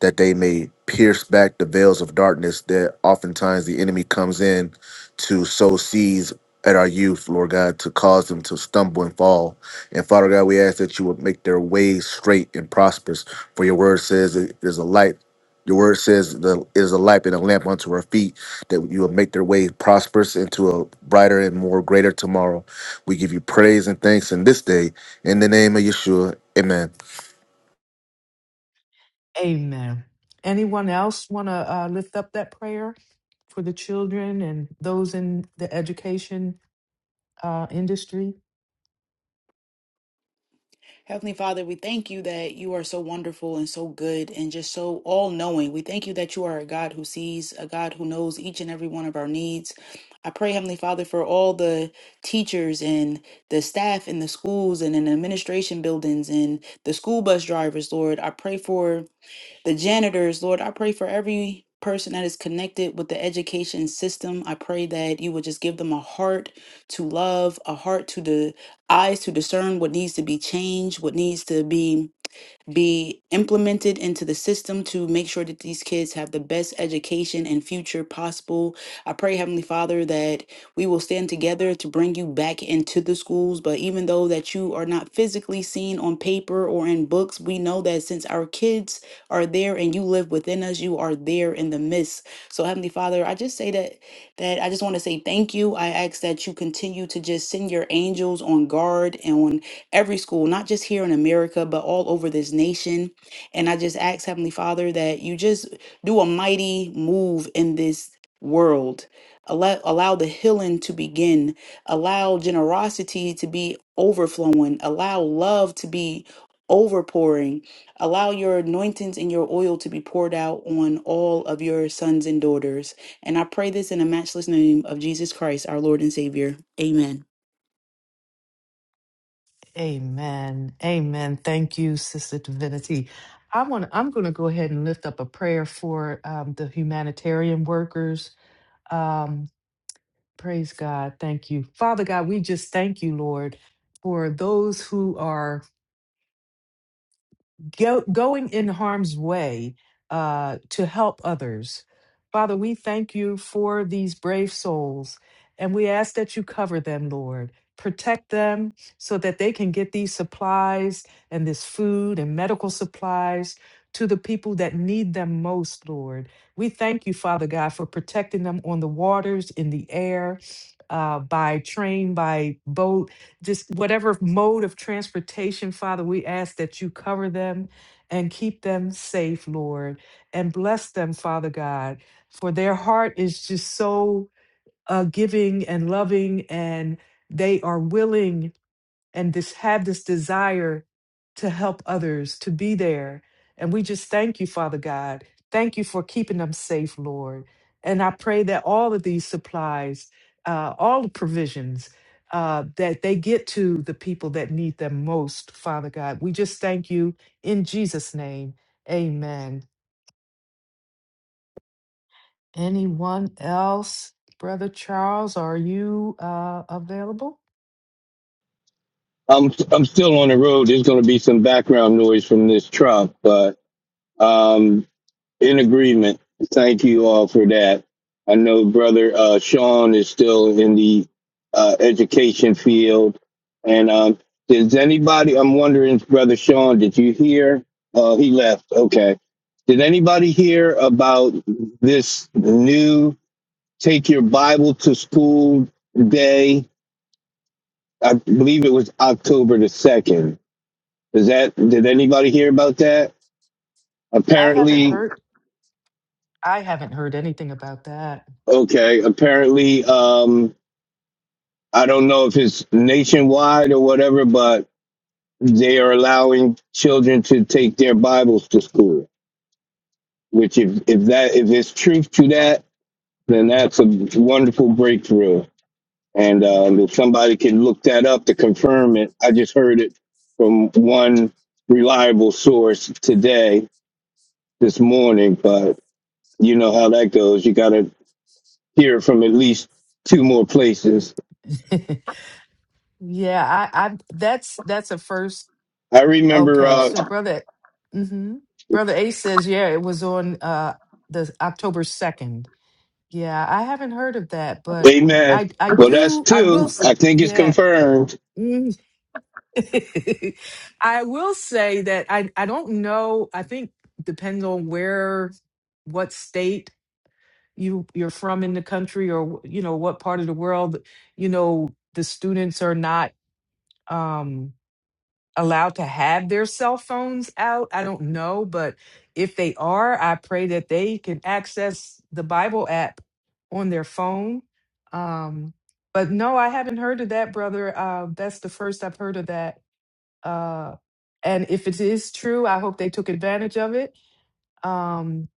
Speaker 4: that they may pierce back the veils of darkness that oftentimes the enemy comes in to sow seeds at our youth, Lord God, to cause them to stumble and fall. And Father God, we ask that you would make their ways straight and prosperous. For your word says it is a light. Your word says the it is a light and a lamp unto our feet, that you will make their way prosperous into a brighter and more greater tomorrow. We give you praise and thanks in this day. In the name of Yeshua. Amen.
Speaker 1: Amen. Anyone else want to uh, lift up that prayer for the children and those in the education uh, industry.
Speaker 2: Heavenly Father, we thank you that you are so wonderful and so good and just so all knowing. We thank you that you are a God who sees, a God who knows each and every one of our needs. I pray, Heavenly Father, for all the teachers and the staff in the schools and in administration buildings and the school bus drivers, Lord. I pray for the janitors, Lord, I pray for every person that is connected with the education system. I pray that you would just give them a heart to love, a heart to the eyes to discern what needs to be changed, what needs to be be implemented into the system to make sure that these kids have the best education and future possible. I pray, Heavenly Father, that we will stand together to bring you back into the schools. But even though that you are not physically seen on paper or in books, we know that since our kids are there and you live within us, you are there in the midst. So, Heavenly Father, I just say that that I just want to say thank you. I ask that you continue to just send your angels on guard and. on every school, not just here in America, but all over this nation. And I just ask Heavenly Father that you just do a mighty move in this world. Allow, allow the healing to begin. Allow generosity to be overflowing. Allow love to be overpouring. Allow your anointings and your oil to be poured out on all of your sons and daughters. And I pray this in the matchless name of Jesus Christ, our Lord and Savior. Amen.
Speaker 1: Amen. Amen. Thank you, Sister Divinity. I want. I'm going to go ahead and lift up a prayer for um, the humanitarian workers. Um, praise God. Thank you, Father God. We just thank you, Lord, for those who are go, going in harm's way uh, to help others. Father, we thank you for these brave souls, and we ask that you cover them, Lord. Protect them so that they can get these supplies and this food and medical supplies to the people that need them most, Lord. We thank you, Father God, for protecting them on the waters, in the air, uh, by train, by boat just whatever mode of transportation, Father, we ask that you cover them and keep them safe, Lord, and bless them, Father God, for their heart is just so uh, giving and loving, and they are willing and this have this desire to help others to be there and we just thank you father god thank you for keeping them safe lord and i pray that all of these supplies uh, all the provisions uh, that they get to the people that need them most father god we just thank you in jesus name amen anyone else brother charles are you uh, available
Speaker 7: I'm I'm still on the road. There's going to be some background noise from this truck, but um, in agreement. Thank you all for that. I know brother uh, Sean is still in the uh, education field, and um, does anybody? I'm wondering, brother Sean, did you hear? Uh, he left. Okay. Did anybody hear about this new? take your Bible to school day. I believe it was October the second. Is that did anybody hear about that?
Speaker 1: i haven't
Speaker 7: Apparently,
Speaker 1: heard i haven't heard anything about that
Speaker 7: okay. Apparently, um, I don't know if it's nationwide or whatever, but they are allowing children to take their Bibles to school. Which, if if that if it's truth to that, then that's a wonderful breakthrough. And um, if somebody can look that up to confirm it, I just heard it from one reliable source today, this morning. But you know how that goes. You got to hear from at least two more places.
Speaker 1: Yeah, I, I that's that's a first.
Speaker 7: I remember,
Speaker 1: Okay, so
Speaker 7: uh,
Speaker 1: brother, hmm brother Ace says, yeah, it was on uh the October second. Yeah, I haven't heard of that, but
Speaker 7: amen.
Speaker 1: I I
Speaker 7: Well, that's
Speaker 1: do I will
Speaker 7: two.
Speaker 1: s-
Speaker 7: I think it's
Speaker 1: yeah.
Speaker 7: confirmed.
Speaker 1: Mm. I will say that I I don't know. I think depends on where, what state you you're from in the country, or you know what part of the world. You know the students are not. um allowed to have their cell phones out. I don't know, but if they are, I pray that they can access the Bible app on their phone. Um, but no, I haven't heard of that, brother. Uh, that's the first I've heard of that. Uh, and if it is true, I hope they took advantage of it. Um,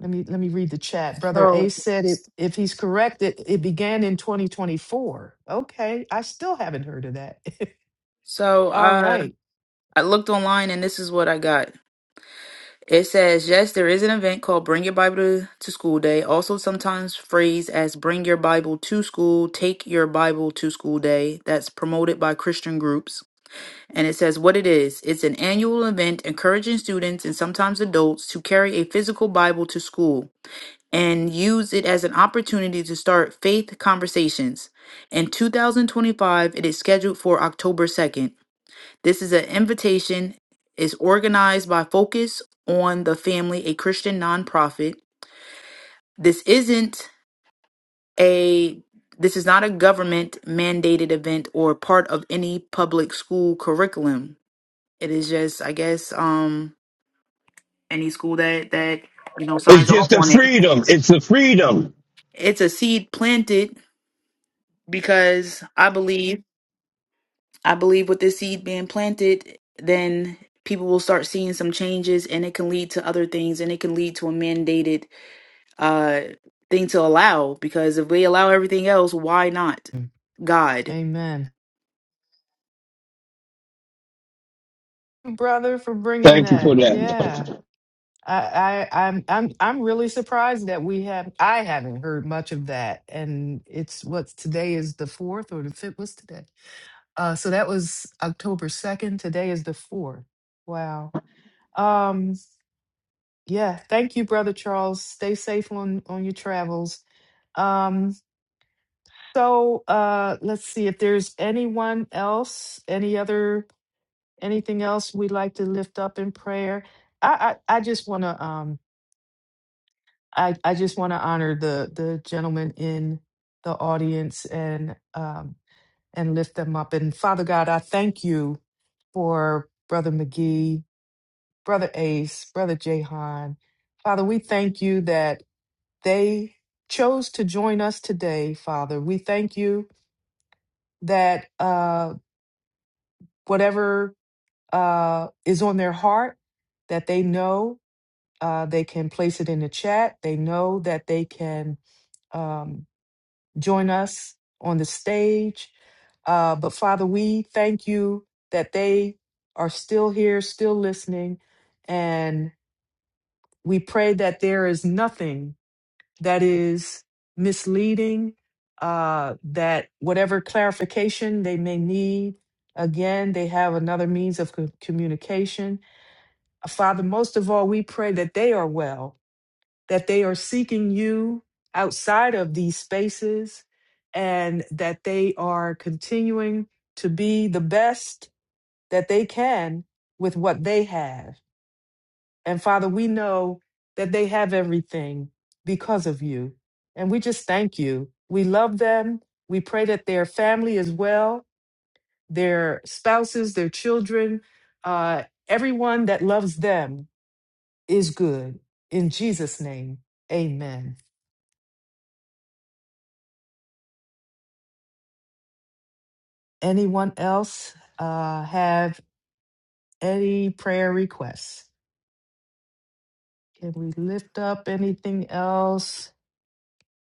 Speaker 1: let me let me read the chat. Brother
Speaker 2: Oh,
Speaker 1: Ace said it. If he's correct, it, it began in 2024. Okay, I still haven't heard of that.
Speaker 2: so
Speaker 1: All
Speaker 2: uh,
Speaker 1: right.
Speaker 2: I looked online and this is what I got. It says, yes, there is an event called Bring Your Bible to, to School Day, also sometimes phrased as Bring Your Bible to School, Take Your Bible to School Day, that's promoted by Christian groups. And it says what it is it's an annual event encouraging students and sometimes adults to carry a physical Bible to school and use it as an opportunity to start faith conversations. In 2025, it is scheduled for October 2nd. This is an invitation is organized by Focus on the Family, a Christian nonprofit. This isn't a this is not a government mandated event or part of any public school curriculum. It is just, I guess, um any school that that you know
Speaker 7: It's
Speaker 2: signs
Speaker 7: just
Speaker 2: off
Speaker 7: the
Speaker 2: on it.
Speaker 7: freedom. It's the freedom.
Speaker 2: It's a seed planted because I believe I believe with this seed being planted, then people will start seeing some changes and it can lead to other things and it can lead to a mandated uh thing to allow because if we allow everything else, why not God?
Speaker 1: Amen. brother for bringing
Speaker 7: Thank you for
Speaker 1: that
Speaker 7: that.
Speaker 1: yeah I, I i'm i'm i'm really surprised that we have i haven't heard much of that and it's what's today is the fourth or the fifth what's today uh so that was october 2nd today is the fourth wow um yeah thank you brother charles stay safe on on your travels um so uh let's see if there's anyone else any other anything else we'd like to lift up in prayer? I I, I just want to um I I just want to honor the the gentleman in the audience and um and lift them up. And Father God, I thank you for Brother McGee, Brother Ace, Brother Jahan. Father, we thank you that they chose to join us today, Father. We thank you that uh whatever uh is on their heart that they know Uh, they can place it in the chat. They know that they can um, join us on the stage. Uh, but Father, we thank you that they are still here, still listening. And we pray that there is nothing that is misleading, uh, that whatever clarification they may need, again, they have another means of co- communication. Uh, Father, most of all, we pray that they are well that they are seeking you outside of these spaces and that they are continuing to be the best that they can with what they have. And Father, we know that they have everything because of you. And we just thank you. We love them. We pray that their family as well, their spouses, their children, uh, everyone that loves them is good. In Jesus' name, amen. Anyone else uh, have any prayer requests? Can we lift up anything else?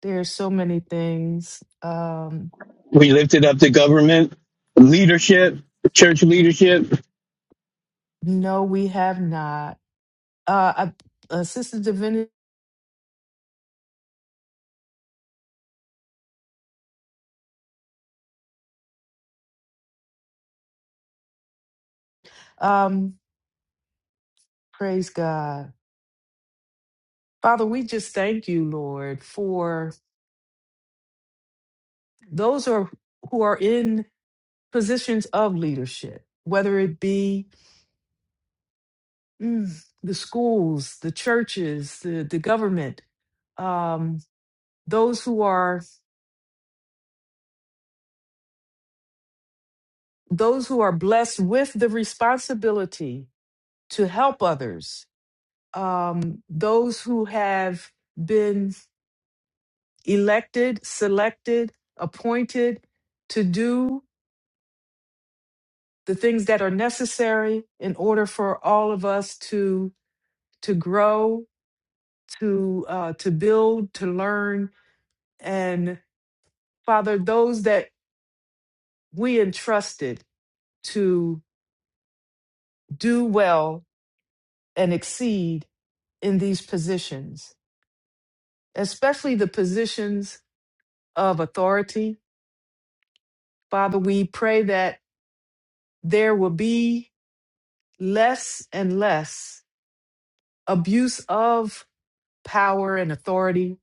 Speaker 1: There's so many things. Um,
Speaker 7: We lifted up the government, leadership, church leadership.
Speaker 1: no, we have not. Uh, I- uh, Sister Divinity, um, praise God. Father, we just thank you, Lord, for those who are, who are in positions of leadership, whether it be mm, the schools, the churches, the, the government. um, those who are those who are blessed with the responsibility to help others um, those who have been elected selected appointed to do the things that are necessary in order for all of us to to grow to uh, to build to learn and father those that we entrusted to do well and exceed in these positions especially the positions of authority. Father, we pray that there will be less and less abuse of power and authority,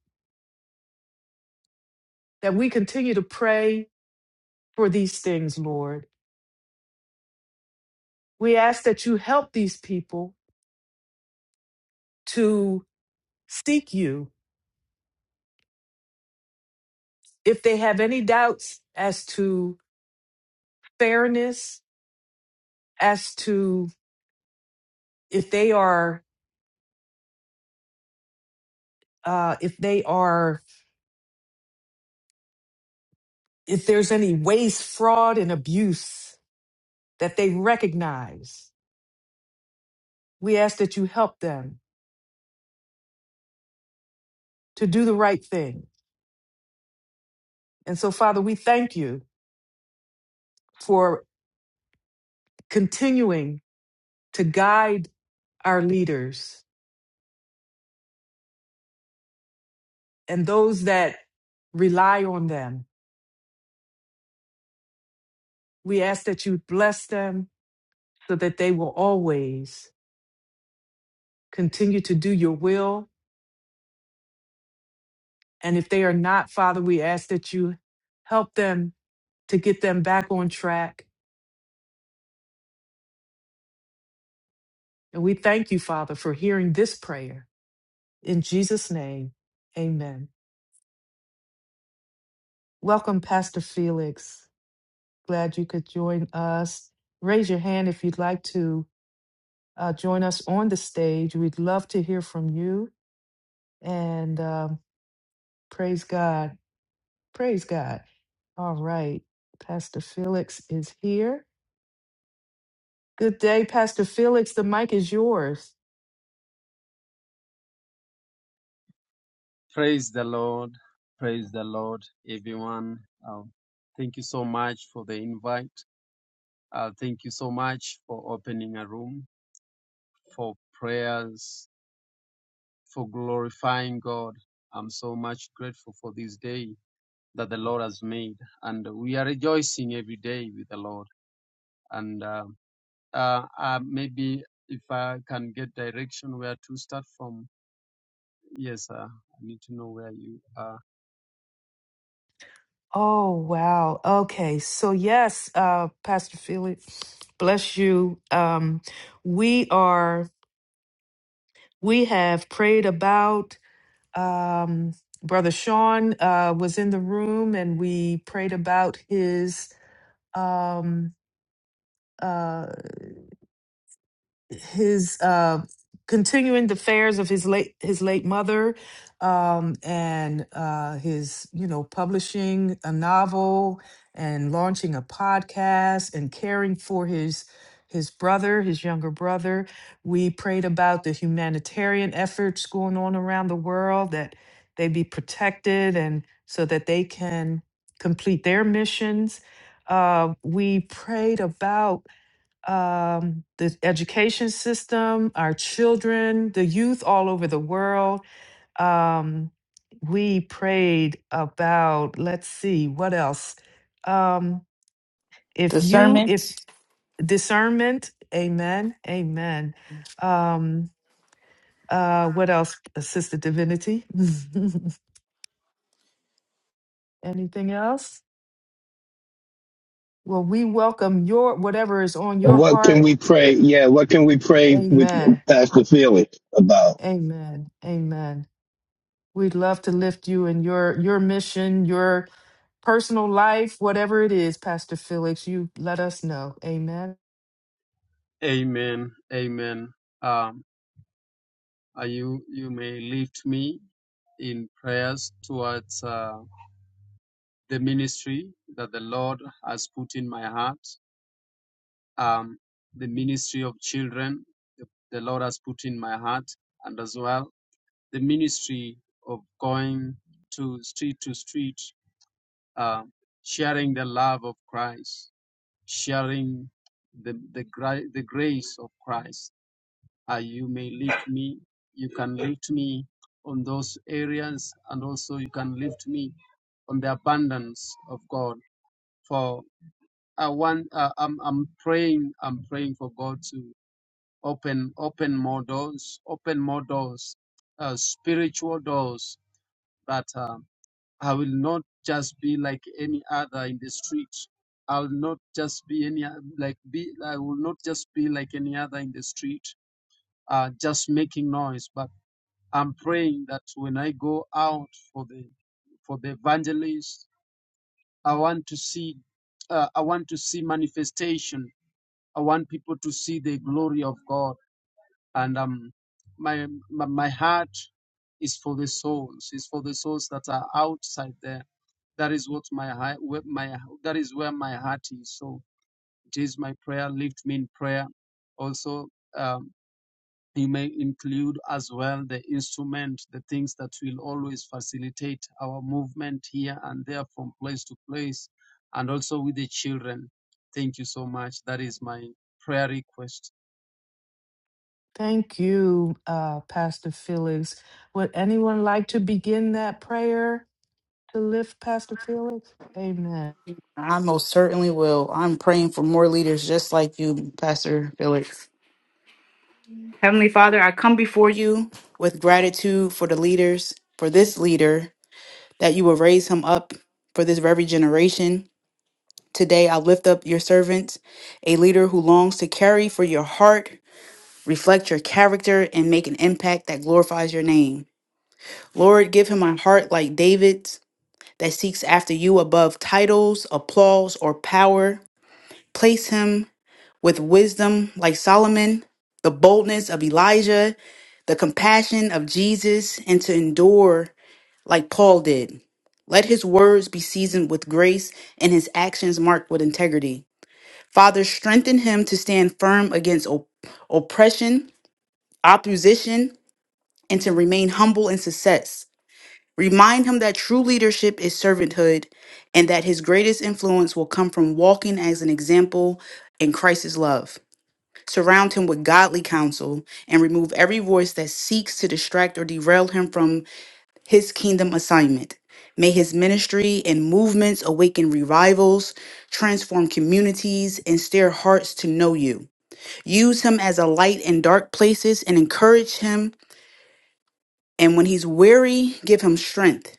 Speaker 1: that we continue to pray for these things, Lord. We ask that you help these people to seek you if they have any doubts as to fairness, as to if they are, uh, if they are, if there's any waste, fraud, and abuse that they recognize. We ask that you help them to do the right thing. And so, Father, we thank you for continuing to guide our leaders and those that rely on them. We ask that you bless them so that they will always continue to do your will. And if they are not, Father, we ask that you help them to get them back on track. And we thank you, Father, for hearing this prayer. In Jesus' name, amen. Welcome, Pastor Felix. Glad you could join us. Raise your hand if you'd like to uh, join us on the stage. We'd love to hear from you. And um, praise God. Praise God. All right. Pastor Felix is here. Good day, Pastor Felix. The mic is yours.
Speaker 8: Praise the Lord. Praise the Lord, everyone. Um, thank you so much for the invite. Uh, thank you so much for opening a room, for prayers, for glorifying God. I'm so much grateful for this day that the Lord has made. And we are rejoicing every day with the Lord. And uh, uh, uh, maybe if I can get direction where to start from. Yes, sir. I need to know where you are.
Speaker 1: Oh, wow. Okay. So, yes, uh, Pastor Felix, bless you. Um, we are, we have prayed about um, Brother Sean uh, was in the room and we prayed about his um, uh, his uh, continuing the affairs of his late his late mother, um, and uh, his you know publishing a novel and launching a podcast and caring for his his brother, his younger brother. We prayed about the humanitarian efforts going on around the world that they be protected and so that they can complete their missions. Uh, we prayed about um, the education system, our children, the youth all over the world. Um, we prayed about, let's see, what else? Um, if you, if discernment, amen, amen. Um, uh, what else, Sister Divinity? Anything else? Well, we welcome your whatever is on
Speaker 7: And
Speaker 1: your
Speaker 7: what can
Speaker 1: heart.
Speaker 7: we pray? Yeah, what can we pray with
Speaker 1: Amen.
Speaker 7: Pastor Felix about?
Speaker 1: Amen. Amen. We'd love to lift you and your your mission, your personal life, whatever it is, Pastor Felix, you let us know. Amen.
Speaker 8: Amen. Amen. Um. Uh, you, you may lift me in prayers towards uh, the ministry that the Lord has put in my heart, um, the ministry of children the, the Lord has put in my heart, and as well the ministry of going to street to street, uh, sharing the love of Christ, sharing the, the, gra- the grace of Christ uh, you may lift me. You can lift me on those areas, and also you can lift me on the abundance of God. For I want, uh, I'm, I'm praying, I'm praying for God to open, open more doors, open more doors, uh, spiritual doors that uh, I will not just be like any other in the street. I will not just be any o- like be. I will not just be like any other in the street, uh, just making noise, but I'm praying that when I go out for the for the evangelist, I want to see uh, I want to see manifestation. I want people to see the glory of God, and um, my my, my heart is for the souls. Is for the souls that are outside there. That is what my heart, my that is where my heart is. So it is my prayer. Lift me in prayer. Also. um, you may include as well the instrument, the things that will always facilitate our movement here and there from place to place, and also with the children. Thank you so much. That is my prayer request.
Speaker 1: Thank you, uh, Pastor Felix. Would anyone like to begin that prayer to lift Pastor Felix? Amen.
Speaker 2: I most certainly will. I'm praying for more leaders just like you, Pastor Felix. Heavenly Father, I come before you with gratitude for the leaders, for this leader, that you will raise him up for this very generation. Today, I lift up your servant, a leader who longs to carry for your heart, reflect your character, and make an impact that glorifies your name. Lord, give him a heart like David's that seeks after you above titles, applause, or power. Place him with wisdom like Solomon, the boldness of Elijah, the compassion of Jesus, and to endure like Paul did. Let his words be seasoned with grace and his actions marked with integrity. Father, strengthen him to stand firm against op- oppression, opposition, and to remain humble in success. Remind him that true leadership is servanthood and that his greatest influence will come from walking as an example in Christ's love. Surround him with godly counsel and remove every voice that seeks to distract or derail him from his kingdom assignment. May his ministry and movements awaken revivals, transform communities, and stir hearts to know you. Use him as a light in dark places and encourage him. And when he's weary, give him strength.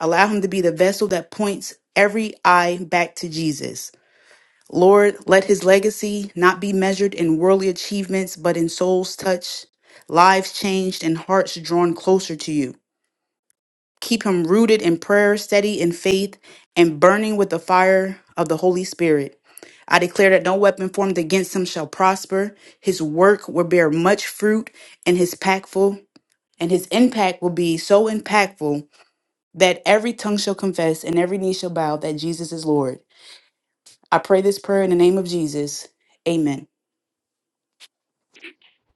Speaker 2: Allow him to be the vessel that points every eye back to Jesus. Lord, let his legacy not be measured in worldly achievements, but in souls touched, lives changed, and hearts drawn closer to you. Keep him rooted in prayer, steady in faith, and burning with the fire of the Holy Spirit. I declare that no weapon formed against him shall prosper. His work will bear much fruit, and his impactful and his impact will be so impactful that every tongue shall confess and every knee shall bow that Jesus is Lord. I pray this prayer in the name of Jesus. Amen.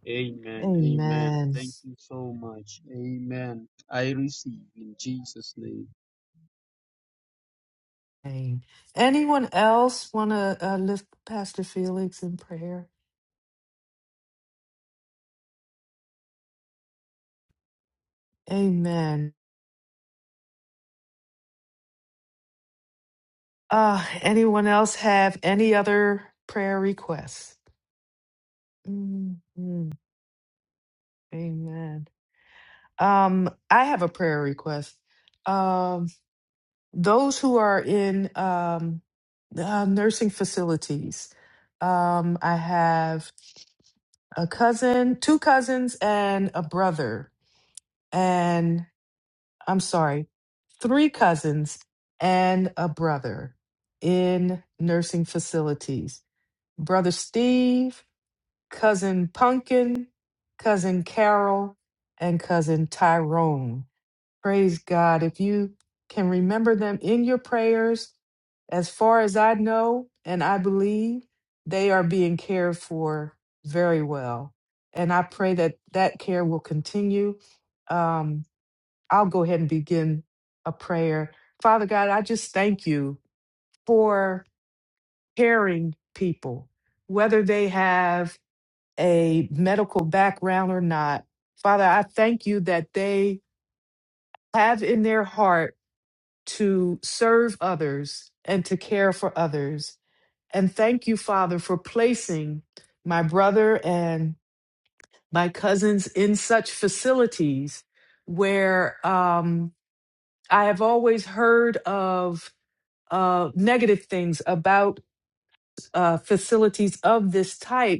Speaker 8: Amen. Amen.
Speaker 1: Amen.
Speaker 8: Thank you so much. Amen. I receive in Jesus' name.
Speaker 1: Amen. Anyone else want to uh, lift Pastor Felix in prayer? Amen. Uh, anyone else have any other prayer requests? Mhm. Amen. Um, I have a prayer request. Um, those who are in um, uh, nursing facilities, um, I have a cousin, two cousins, and a brother. And I'm sorry, three cousins and a brother in nursing facilities. Brother Steve, cousin Pumpkin, cousin Carol, and cousin Tyrone. Praise God. If you can remember them in your prayers, as far as I know and I believe, they are being cared for very well. And I pray that that care will continue. Um, I'll go ahead and begin a prayer. Father God, I just thank you for caring people, whether they have a medical background or not. Father, I thank you that they have in their heart to serve others and to care for others. And thank you, Father, for placing my brother and my cousins in such facilities where um, I have always heard of uh, negative things about uh, facilities of this type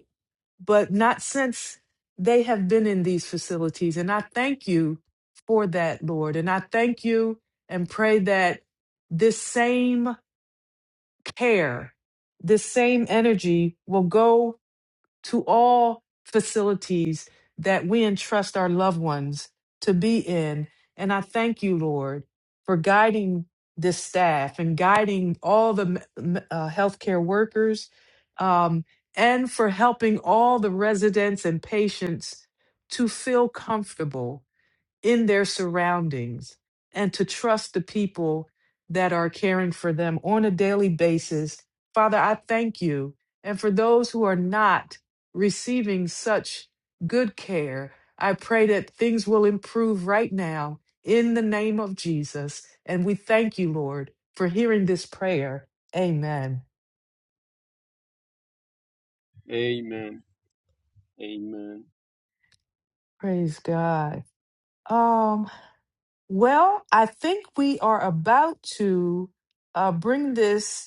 Speaker 1: but not since they have been in these facilities. And I thank you for that, Lord. And I thank you and pray that this same care, this same energy will go to all facilities that we entrust our loved ones to be in. And I thank you, Lord, for guiding this staff and guiding all the m- m- uh, healthcare workers um, and for helping all the residents and patients to feel comfortable in their surroundings and to trust the people that are caring for them on a daily basis. Father, I thank you. And for those who are not receiving such good care, I pray that things will improve right now in the name of Jesus. And we thank you, Lord, for hearing this prayer. Amen.
Speaker 8: Amen. Amen.
Speaker 1: Praise God. Um, well, I think we are about to uh, bring this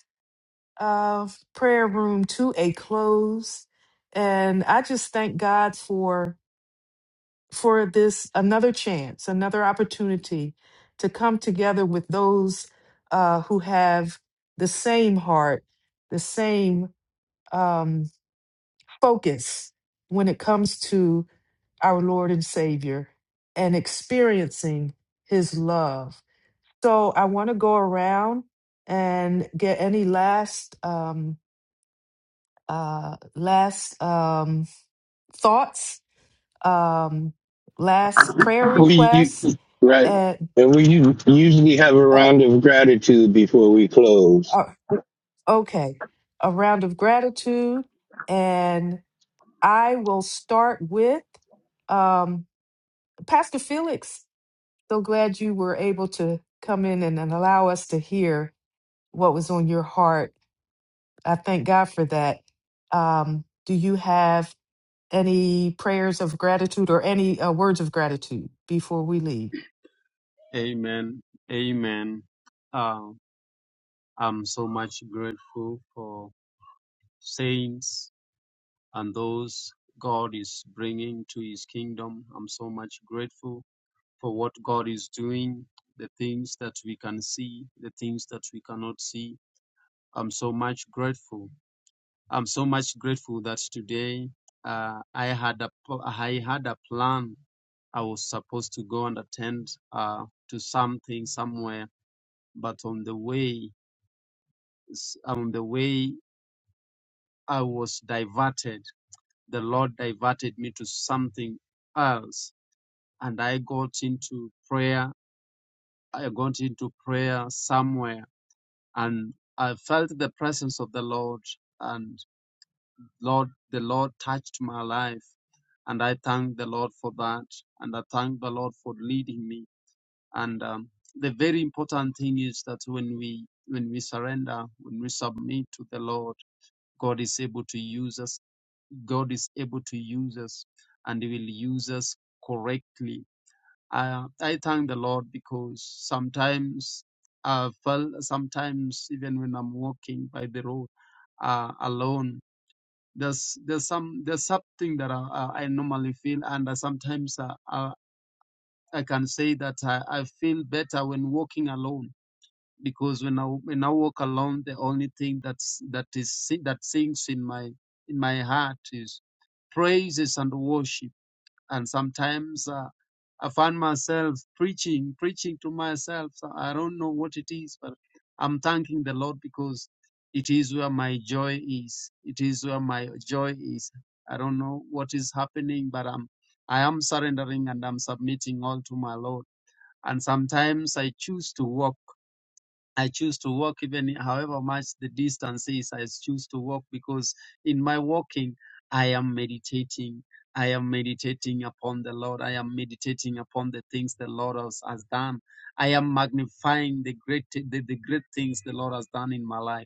Speaker 1: of prayer room to a close and i just thank god for for this another chance another opportunity to come together with those uh, who have the same heart the same um, focus when it comes to our lord and savior and experiencing his love so i want to go around and get any last um, uh, last um, thoughts, um, last prayer
Speaker 7: We
Speaker 1: requests,
Speaker 7: u- right,
Speaker 1: and
Speaker 7: and we u- usually have a
Speaker 1: uh,
Speaker 7: round of gratitude before we close.
Speaker 1: uh, okay, a round of gratitude. And I will start with um, Pastor Felix. So glad you were able to come in and, and allow us to hear what was on your heart. I thank God for that. Um, do you have any prayers of gratitude or any uh, words of gratitude before we leave?
Speaker 8: Amen. Amen. Uh, I'm so much grateful for saints and those God is bringing to his kingdom. I'm so much grateful for what God is doing, the things that we can see, the things that we cannot see. I'm so much grateful. I'm so much grateful that today uh, I had a I had a plan. I was supposed to go and attend uh, to something somewhere, but on the way on the way I was diverted. The Lord diverted me to something else and I got into prayer. I got into prayer somewhere and I felt the presence of the Lord and Lord, the Lord touched my life and I thank the Lord for that and I thank the Lord for leading me. And um, the very important thing is that when we, when we surrender, when we submit to the Lord, God is able to use us. God is able to use us and he will use us correctly I, I thank the Lord because sometimes I felt, sometimes even when I'm walking by the road uh, alone, there's there's some there's something that I, I I normally feel, and I sometimes I, I, I can say that I, I feel better when walking alone because when I when I walk alone, the only thing that's that is si- that sings in my in my heart is praises and worship and sometimes uh, I find myself preaching, preaching to myself. So I don't know what it is, but I'm thanking the Lord because it is where my joy is. It is where my joy is. I don't know what is happening, but I'm, I am surrendering and I'm submitting all to my Lord. And sometimes I choose to walk. I choose to walk even however much the distance is. I choose to walk because in my walking, I am meditating. I am meditating upon the Lord. I am meditating upon the things the Lord has, has done. I am magnifying the great, the, the great things the Lord has done in my life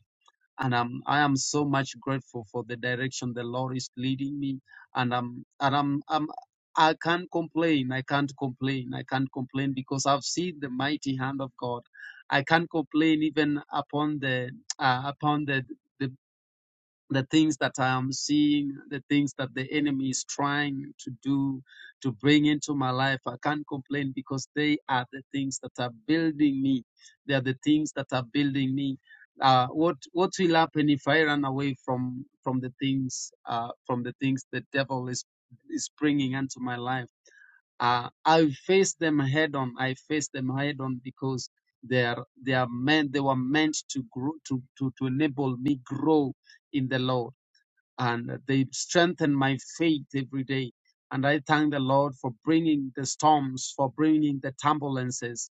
Speaker 8: and um, I am so much grateful for the direction the Lord is leading me, and um, and I'm, I'm I can't complain. I can't complain. I can't complain because I've seen the mighty hand of God. I can't complain even upon the uh, upon the, the the things that I am seeing, the things that the enemy is trying to do to bring into my life. I can't complain because they are the things that are building me. They are the things that are building me. Uh, what what will happen if I run away from from the things uh, from the things the devil is is bringing into my life? Uh, I face them head on. I face them head on because they are they are meant they were meant to grow to to, to enable me grow in the Lord and they strengthen my faith every day. And I thank the Lord for bringing the storms, for bringing the turbulences.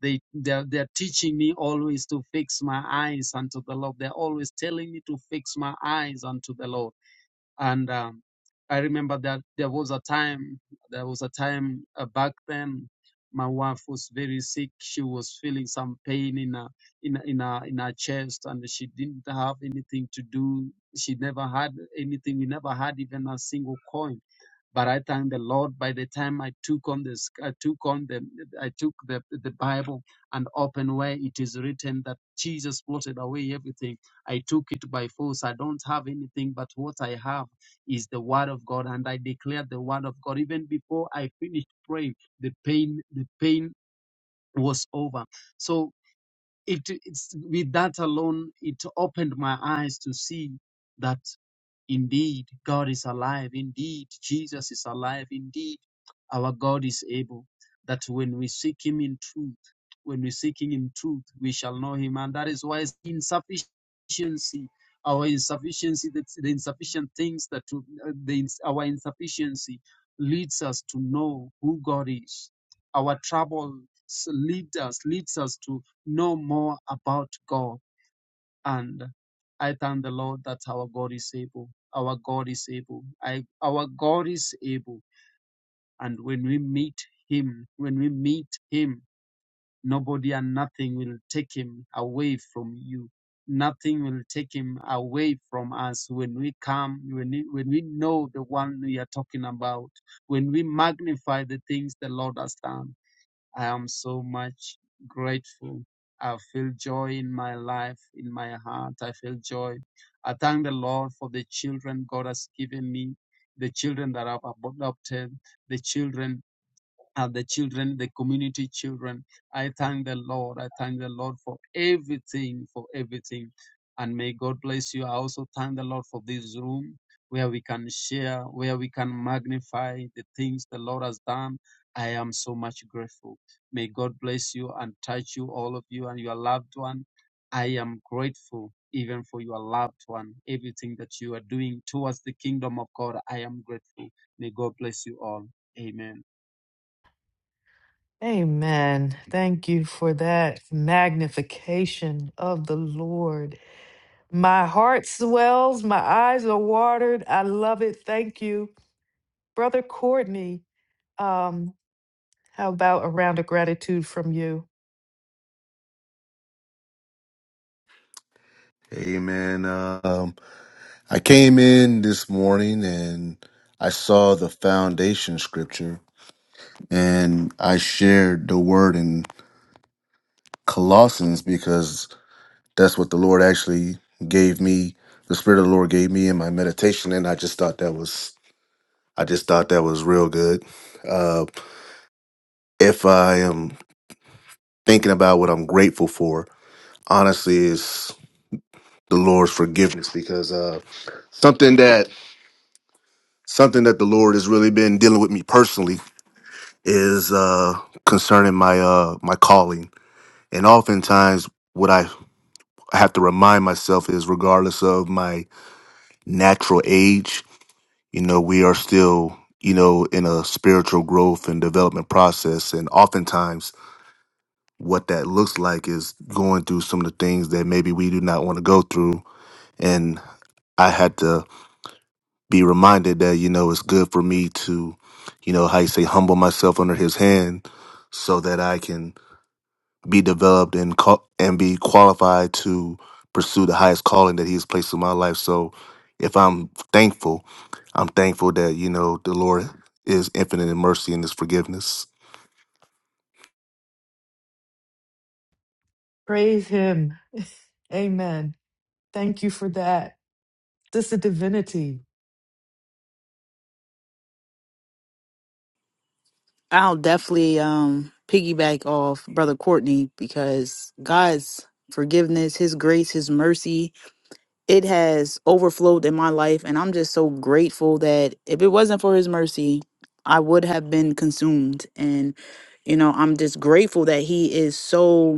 Speaker 8: They, they're, they're teaching me always to fix my eyes unto the Lord. They're always telling me to fix my eyes unto the Lord and um, I remember that there was a time, there was a time uh, back then, my wife was very sick. She was feeling some pain in her, in, her- in her, in her chest and she didn't have anything to do. She never had anything. We never had even a single coin but I thank the Lord. By the time I took on this, I took on the, I took the the Bible and opened where it is written that Jesus blotted away everything. I took it by force. I don't have anything, but what I have is the Word of God, and I declared the Word of God. Even before I finished praying, the pain, the pain was over. So it, it's with that alone, it opened my eyes to see that. Indeed, God is alive. Indeed, Jesus is alive. Indeed, our God is able. That when we seek Him in truth, when we seek Him in truth, we shall know Him. And that is why it's insufficiency, our insufficiency, that's the insufficient things that we- uh, the, our insufficiency leads us to know who God is. Our trouble leads us, leads us to know more about God and I thank the Lord that our God is able. Our God is able. I, our God is able. And when we meet Him, when we meet Him, nobody and nothing will take Him away from you. Nothing will take Him away from us when we come, when we, when we know the one we are talking about, when we magnify the things the Lord has done I am so much grateful. I feel joy in my life, in my heart. I feel joy. I thank the Lord for the children God has given me, the children that I've adopted, the children uh, the children, the community children. I thank the Lord. I thank the Lord for everything, for everything. And may God bless you. I also thank the Lord for this room where we can share, where we can magnify the things the Lord has done. I am so much grateful. May God bless you and touch you, all of you, and your loved one. I am grateful even for your loved one, everything that you are doing towards the kingdom of God. I am grateful. May God bless you all. Amen.
Speaker 1: Amen. Thank you for that magnification of the Lord. My heart swells, my eyes are watered. I love it. Thank you. Brother Courtney, um, how about a round of gratitude from you?
Speaker 4: Amen. Um, I came in this morning and I saw the foundation scripture and I shared the word in Colossians because that's what the Lord actually gave me. The Spirit of the Lord gave me in my meditation, and I just thought that was I just thought that was real good. Uh, if I am thinking about what I'm grateful for, honestly, is the Lord's forgiveness because uh, something that something that the Lord has really been dealing with me personally is uh, concerning my uh, my calling, and oftentimes what I have to remind myself is, regardless of my natural age, you know, we are still you know in a spiritual growth and development process, and oftentimes what that looks like is going through some of the things that maybe we do not want to go through, and I had to be reminded that you know it's good for me to, you know, how you say humble myself under His hand, so that I can be developed and call, and be qualified to pursue the highest calling that He has placed in my life. So, if I'm thankful, I'm thankful that you know the Lord is infinite in mercy and His forgiveness.
Speaker 1: Praise him. Amen. Thank you for that. This is divinity.
Speaker 2: I'll definitely um piggyback off brother Courtney because God's forgiveness, his grace, his mercy, it has overflowed in my life and I'm just so grateful that if it wasn't for his mercy, I would have been consumed and you know, I'm just grateful that he is so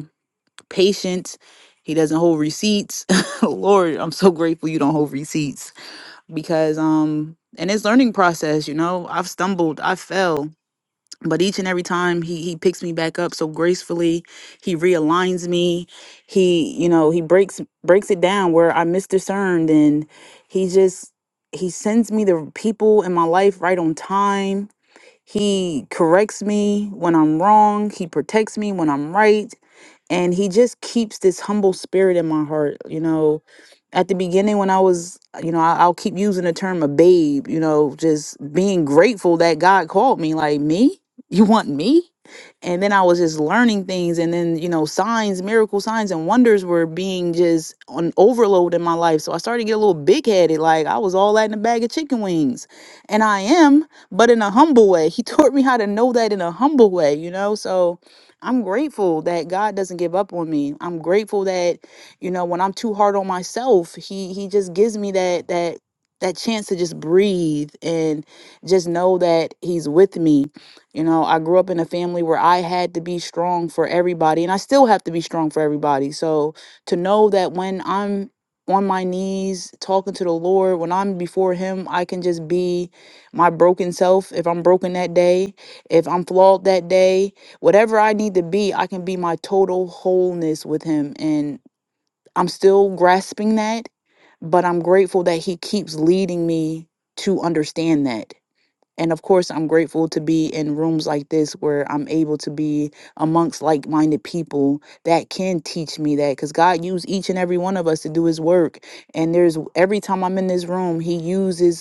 Speaker 2: patience. He doesn't hold receipts. Lord, I'm so grateful you don't hold receipts because um and it's learning process, you know. I've stumbled, I fell, but each and every time he he picks me back up so gracefully. He realigns me. He, you know, he breaks breaks it down where I misdiscerned and he just he sends me the people in my life right on time he corrects me when I'm wrong. He protects me when I'm right. And he just keeps this humble spirit in my heart. You know, at the beginning, when I was, you know, I- I'll keep using the term a babe, you know, just being grateful that God called me, like, me? You want me? And then I was just learning things. And then, you know, signs, miracle signs, and wonders were being just on overload in my life. So I started to get a little big headed. Like, I was all that in a bag of chicken wings. And I am but in a humble way. He taught me how to know that in a humble way, you know? So I'm grateful that God doesn't give up on me. I'm grateful that, you know, when I'm too hard on myself, he he just gives me that that that chance to just breathe and just know that he's with me. You know, I grew up in a family where I had to be strong for everybody and I still have to be strong for everybody. So to know that when I'm on my knees talking to the Lord, when I'm before him, I can just be my broken self, if I'm broken that day, if I'm flawed that day, whatever I need to be, I can be my total wholeness with Him. And I'm still grasping that, but I'm grateful that He keeps leading me to understand that. And of course, I'm grateful to be in rooms like this where I'm able to be amongst like minded people that can teach me that because God used each and every one of us to do His work. And there's every time I'm in this room, He uses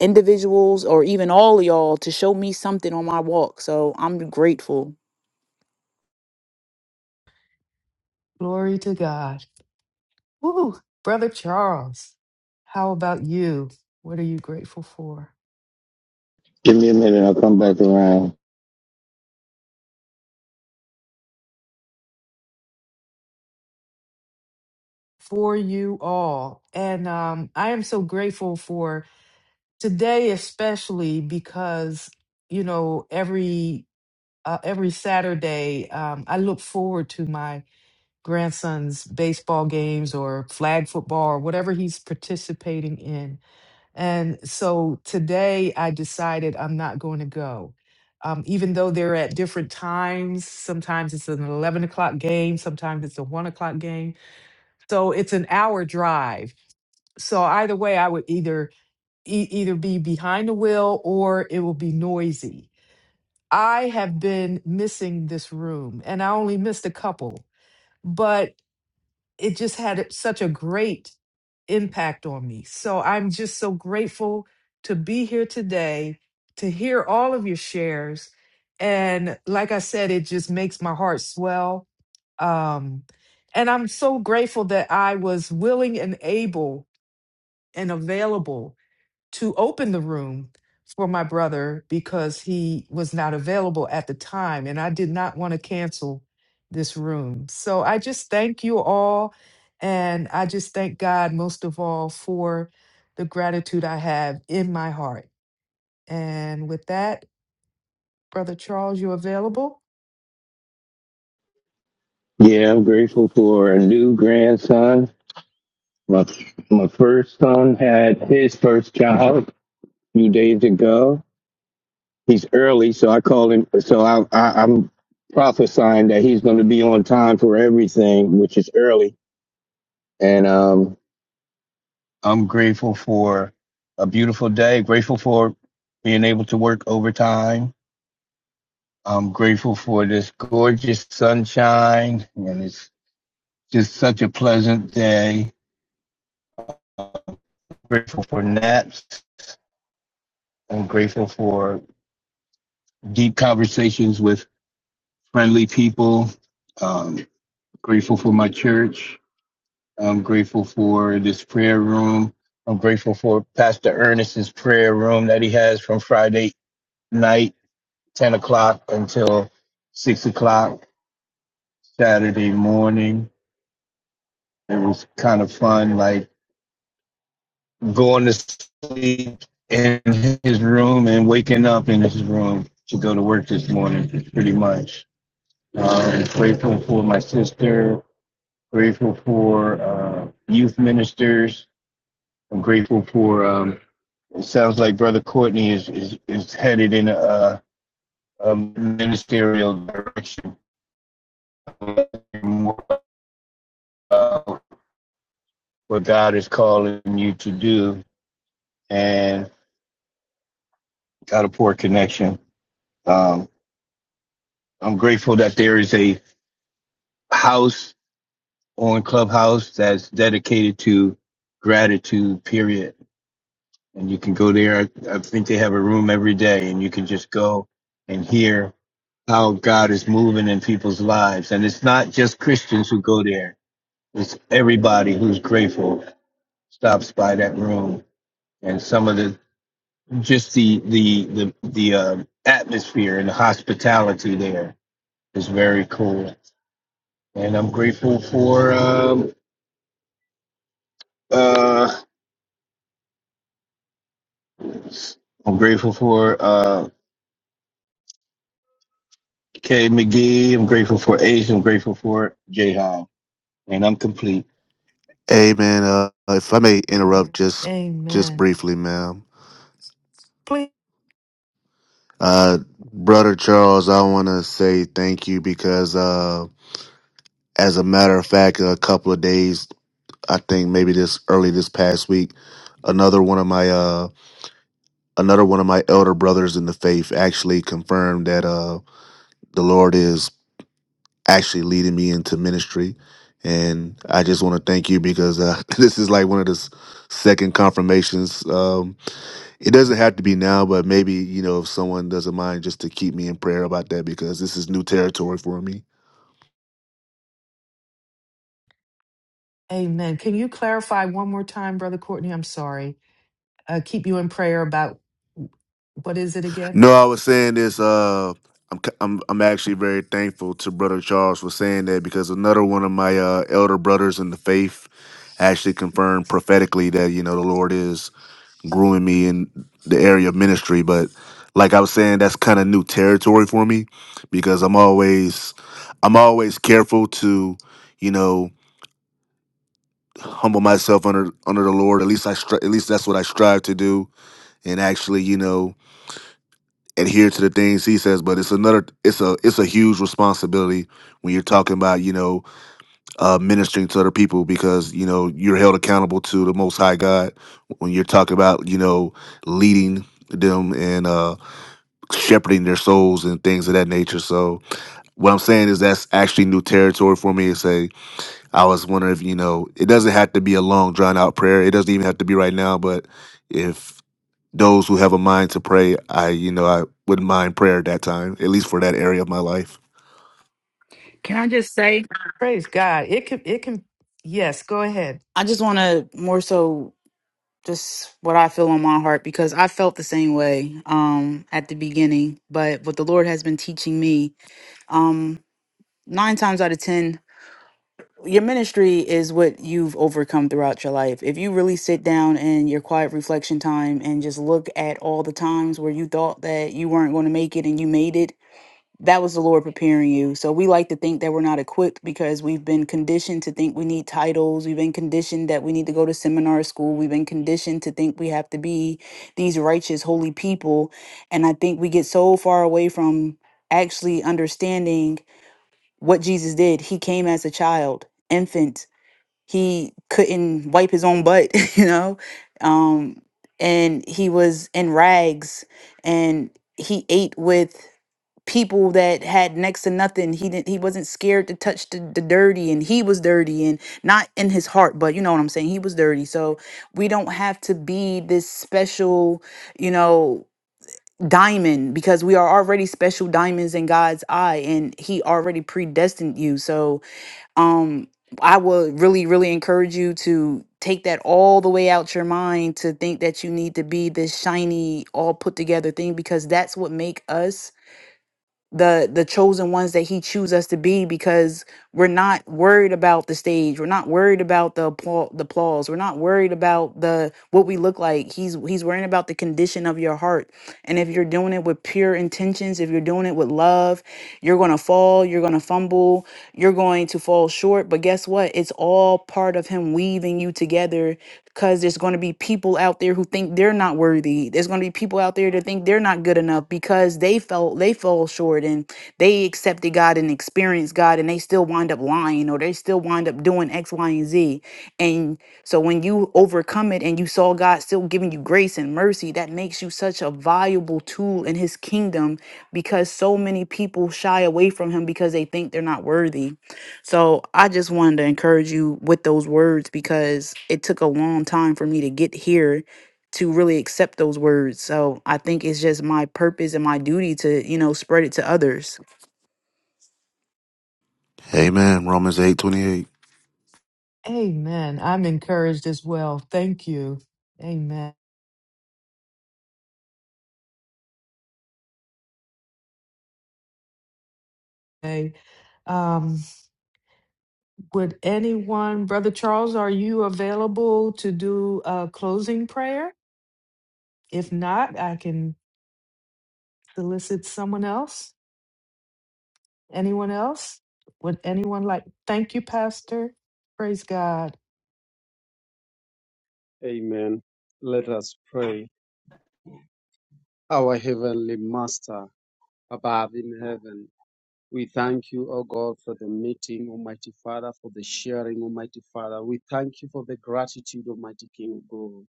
Speaker 2: individuals or even all of y'all to show me something on my walk. So I'm grateful.
Speaker 1: Glory to God. Woo! Brother Charles, how about you? What are you grateful for?
Speaker 7: Give me a minute, I'll come back around.
Speaker 1: for you all. And um, I am so grateful for today, especially because, you know, every uh, every Saturday, um, I look forward to my grandson's baseball games or flag football or whatever he's participating in. And so today I decided I'm not going to go. Um, even though they're at different times, sometimes it's an 11 o'clock game, sometimes it's a 1 o'clock game. So it's an hour drive so either way, I would either e- either be behind the wheel or it will be noisy. I have been missing this room, and I only missed a couple, but it just had such a great impact on me. So I'm just so grateful to be here today to hear all of your shares, and like I said, it just makes my heart swell. Um, and I'm so grateful that I was willing and able and available to open the room for my brother because he was not available at the time and I did not want to cancel this room. So I just thank you all and I just thank God most of all for the gratitude I have in my heart. And with that, brother Charles, you available?
Speaker 7: Yeah, I'm grateful for a new grandson. My my first son had his first child a few days ago. He's early, so I call him. So I, I, I'm prophesying that he's going to be on time for everything, which is early. And um, I'm grateful for a beautiful day, grateful for being able to work overtime. I'm grateful for this gorgeous sunshine, and it's just such a pleasant day. I'm grateful for naps. I'm grateful for deep conversations with friendly people. Um, grateful for my church. I'm grateful for this prayer room. I'm grateful for Pastor Ernest's prayer room that he has from Friday night 10 o'clock until 6 o'clock Saturday morning. It was kind of fun, like going to sleep in his room and waking up in his room to go to work this morning, pretty much. Um, grateful for my sister, grateful for uh, youth ministers. I'm grateful for, um, it sounds like Brother Courtney is, is, is headed in a, a ministerial direction More about what God is calling you to do and got a poor connection. Um, I'm grateful that there is a house on Clubhouse that's dedicated to gratitude, period. And you can go there. I, I think they have a room every day and you can just go and hear how God is moving in people's lives. And it's not just Christians who go there. It's everybody who's grateful stops by that room. And some of the just the the the the um, atmosphere and the hospitality there is very cool, and I'm grateful for um, uh, I'm grateful for uh, Kay McGee. I'm grateful for Ace. I'm grateful for Jay Hall, and I'm complete.
Speaker 4: Amen. Uh, if I may interrupt, just just
Speaker 1: Amen.
Speaker 4: briefly, ma'am.
Speaker 1: Please
Speaker 4: Uh, Brother Charles, I want to say thank you because, uh, as a matter of fact, a couple of days, I think maybe this early this past week, another one of my uh another one of my elder brothers in the faith actually confirmed that uh the Lord is actually leading me into ministry and I just want to thank you because uh, this is like one of the s- second confirmations um it doesn't have to be now but maybe you know if someone doesn't mind just to keep me in prayer about that because this is new territory for me
Speaker 1: Amen. Can you clarify one more time, brother Courtney? I'm sorry. Uh, keep you in prayer about what is it again?
Speaker 4: No, I was saying this. Uh, I'm c- I'm I'm actually very thankful to Brother Charles for saying that because another one of my uh, elder brothers in the faith actually confirmed prophetically that you know the Lord is growing me in the area of ministry. But like I was saying, that's kind of new territory for me because I'm always I'm always careful to you know humble myself under under the Lord. At least I stri- at least that's what I strive to do. And actually, you know. adhere to the things he says but it's another it's a it's a huge responsibility when you're talking about you know uh ministering to other people because you know you're held accountable to the most high god when you're talking about you know leading them and uh shepherding their souls and things of that nature so what i'm saying is that's actually new territory for me to say i was wondering if you know it doesn't have to be a long drawn out prayer it doesn't even have to be right now but if those who have a mind to pray, I you know I wouldn't mind prayer at that time, at least for that area of my life.
Speaker 2: Can I just say
Speaker 1: Praise God. It can, it can, yes, go ahead.
Speaker 2: I just want to more so just what I feel on my heart because I felt the same way um at the beginning, but what the Lord has been teaching me um 9 times out of 10 your ministry is what you've overcome throughout your life. If you really sit down in your quiet reflection time and just look at all the times where you thought that you weren't going to make it and you made it that was the Lord preparing you. So we like to think that we're not equipped because we've been conditioned to think we need titles. We've been conditioned that we need to go to seminar school. We've been conditioned to think we have to be these righteous, holy people. And I think we get so far away from actually understanding what Jesus did. He came as a child, infant, he couldn't wipe his own butt you know um and he was in rags and he ate with people that had next to nothing he didn't he wasn't scared to touch the, the dirty and he was dirty and not in his heart but you know what i'm saying he was dirty so we don't have to be this special you know diamond because we are already special diamonds in god's eye and he already predestined you so um i would really really encourage you to take that all the way out your mind to think that you need to be this shiny all put together thing because that's what make us the the chosen ones that he choose us to be because we're not worried about the stage we're not worried about the applause the applause we're not worried about the what we look like he's he's worrying about the condition of your heart and if you're doing it with pure intentions, if you're doing it with love, you're going to fall, you're going to fumble, you're going to fall short. But guess what? It's all part of Him weaving you together because there's going to be people out there who think they're not worthy. There's going to be people out there that think they're not good enough because they felt they fall short and they accepted God and experienced God and they still wind up lying or they still wind up doing X, Y, and Z. And so when you overcome it and you saw God still giving you grace and mercy, that makes you such a valuable tool in his kingdom because so many people shy away from him because they think they're not worthy. So I just wanted to encourage you with those words because it took a long time for me to get here to really accept those words. So I think it's just my purpose and my duty to, you know, spread it to others.
Speaker 4: Amen. Romans eight twenty eight.
Speaker 1: Amen. I'm encouraged as well. Thank you. Amen. Okay. Um, would anyone, Brother Charles, are you available to do a closing prayer? If not, I can solicit someone else. Anyone else? Would anyone like, thank you, Pastor. Praise God.
Speaker 8: Amen. Let us pray. Our Heavenly Master, above in heaven, we thank you, O God, for the meeting, Almighty Father, for the sharing, Almighty Father. We thank you for the gratitude, Almighty King of God.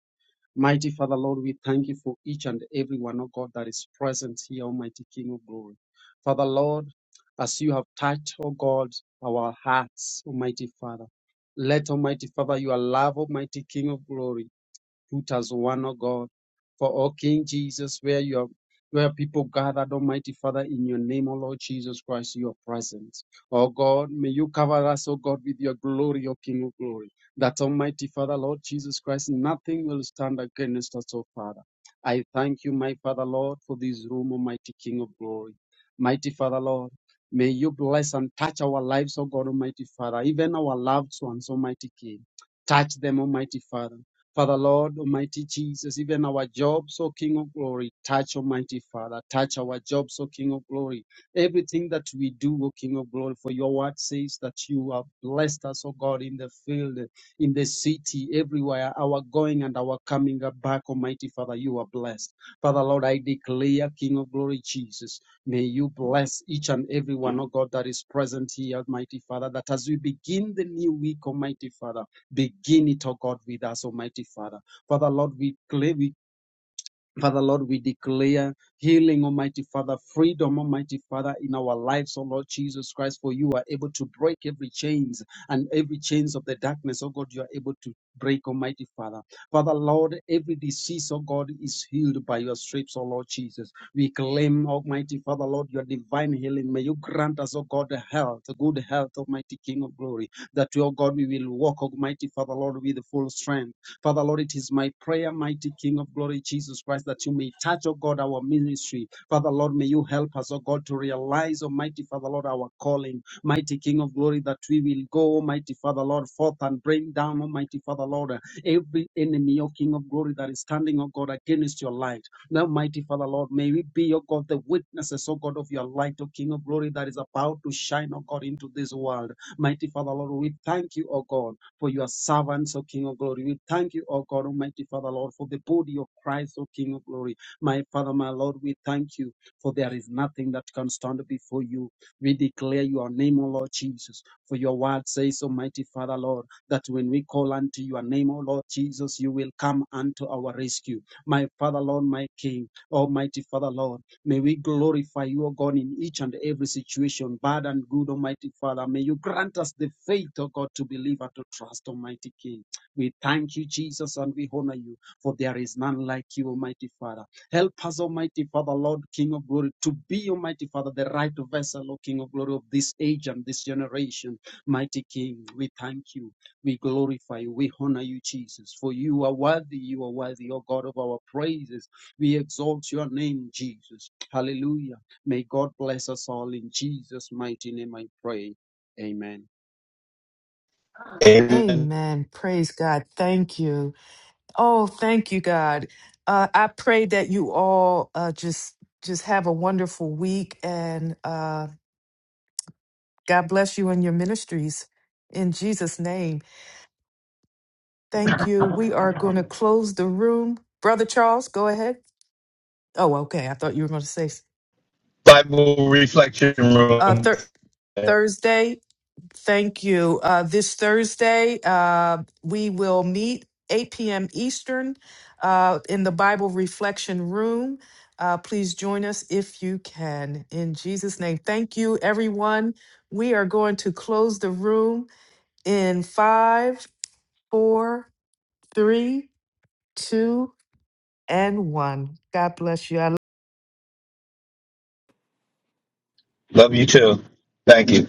Speaker 8: Mighty Father, Lord, we thank you for each and every one, O God, that is present here, Almighty King of God. Father, Lord, as you have touched, O God, our hearts, Almighty Father, let Almighty Father, your love, Almighty King of glory, put us one, O God. For, O King Jesus, where you are, where people gathered, Almighty Father, in your name, O Lord Jesus Christ, your presence. O God, may you cover us, O God, with your glory, O King of glory. That Almighty Father, Lord Jesus Christ, nothing will stand against us, O Father. I thank you, my Father, Lord, for this room, Almighty King of glory. Mighty Father, Lord, may you bless and touch our lives, O God, Almighty Father, even our loved ones, Almighty King. Touch them, Almighty Father. Father Lord, Almighty Jesus, even our jobs, O King of Glory, touch Almighty Father, touch our jobs, O King of Glory. Everything that we do, O King of Glory, for your word says that you have blessed us, O God, in the field, in the city, everywhere, our going and our coming back, Almighty Father, you are blessed. Father Lord, I declare, King of Glory, Jesus, may you bless each and every one, O God, that is present here, Almighty Father, that as we begin the new week, Almighty Father, Begin it, oh God, with us, Almighty Father. Father, Lord, we claim, we Father Lord, we declare healing, Almighty Father, freedom, Almighty Father, in our lives, oh Lord Jesus Christ, for you are able to break every chains and every chains of the darkness, oh God, you are able to break, Almighty Father. Father Lord, every disease, oh God, is healed by your stripes, oh Lord Jesus. We claim, Almighty Father, Lord, your divine healing. May you grant us, oh God, health, good health, Almighty King of glory, that, oh God, we will walk, Almighty Father, Lord, with full strength Father, Lord, it is my prayer, mighty King of glory, Jesus Christ, that you may touch, oh God, our ministry. Father, Lord, may you help us, oh God, to realize, Almighty Father, Lord, our calling. Mighty King of glory, that we will go, Almighty Father, Lord, forth and bring down, Almighty Father, Lord, every enemy, O King of glory, that is standing, O God, against your light. Now, mighty Father, Lord, may we be, O God, the witnesses, O God, of your light, O King of glory, that is about to shine, O God, into this world. Mighty Father, Lord, we thank you, O God for your servants, O King of glory. We thank you, O God Almighty Father, Lord, for the body of Christ, O King of glory. My Father, my Lord, we thank you, for there is nothing that can stand before you. We declare your name, O Lord Jesus, for your word says, Almighty Father, Lord, that when we call unto your name, O Lord Jesus, you will come unto our rescue. My Father, Lord, my King, Almighty Father, Lord. May we glorify you, O God, in each and every situation, bad and good, Almighty Father. May you grant us the faith, O God, to believe and to trust, Almighty King. We thank you, Jesus, and we honor you, for there is none like you, Almighty Father. Help us, Almighty Father, Lord, King of glory, to be, Almighty Father, the right vessel, O King of glory, of this age and this generation. Mighty King, we thank you. We glorify you. We honor you, Jesus, for you are worthy. You are worthy, O God, of our praises. We exalt your name, Jesus. Hallelujah. May God bless us all in Jesus' mighty name, I pray. Amen.
Speaker 7: And
Speaker 1: Amen. Praise God. Thank you. Oh, thank you, God. Uh, I pray that you all uh, just just have a wonderful week, and uh, God bless you and your ministries. In Jesus' name, thank you. We are going to close the room. Brother Charles, go ahead. Oh, okay. I thought you were going to say
Speaker 7: Bible reflection
Speaker 1: uh,
Speaker 7: room.
Speaker 1: thir- Thursday. Thank you. Uh, this Thursday, uh, we will meet 8 p.m. Eastern uh, in the Bible Reflection Room. Uh, please join us if you can. In Jesus' name, thank you, everyone. We are going to close the room in five, four, three, two, and one. God bless you. I
Speaker 7: Love you too. Thank you.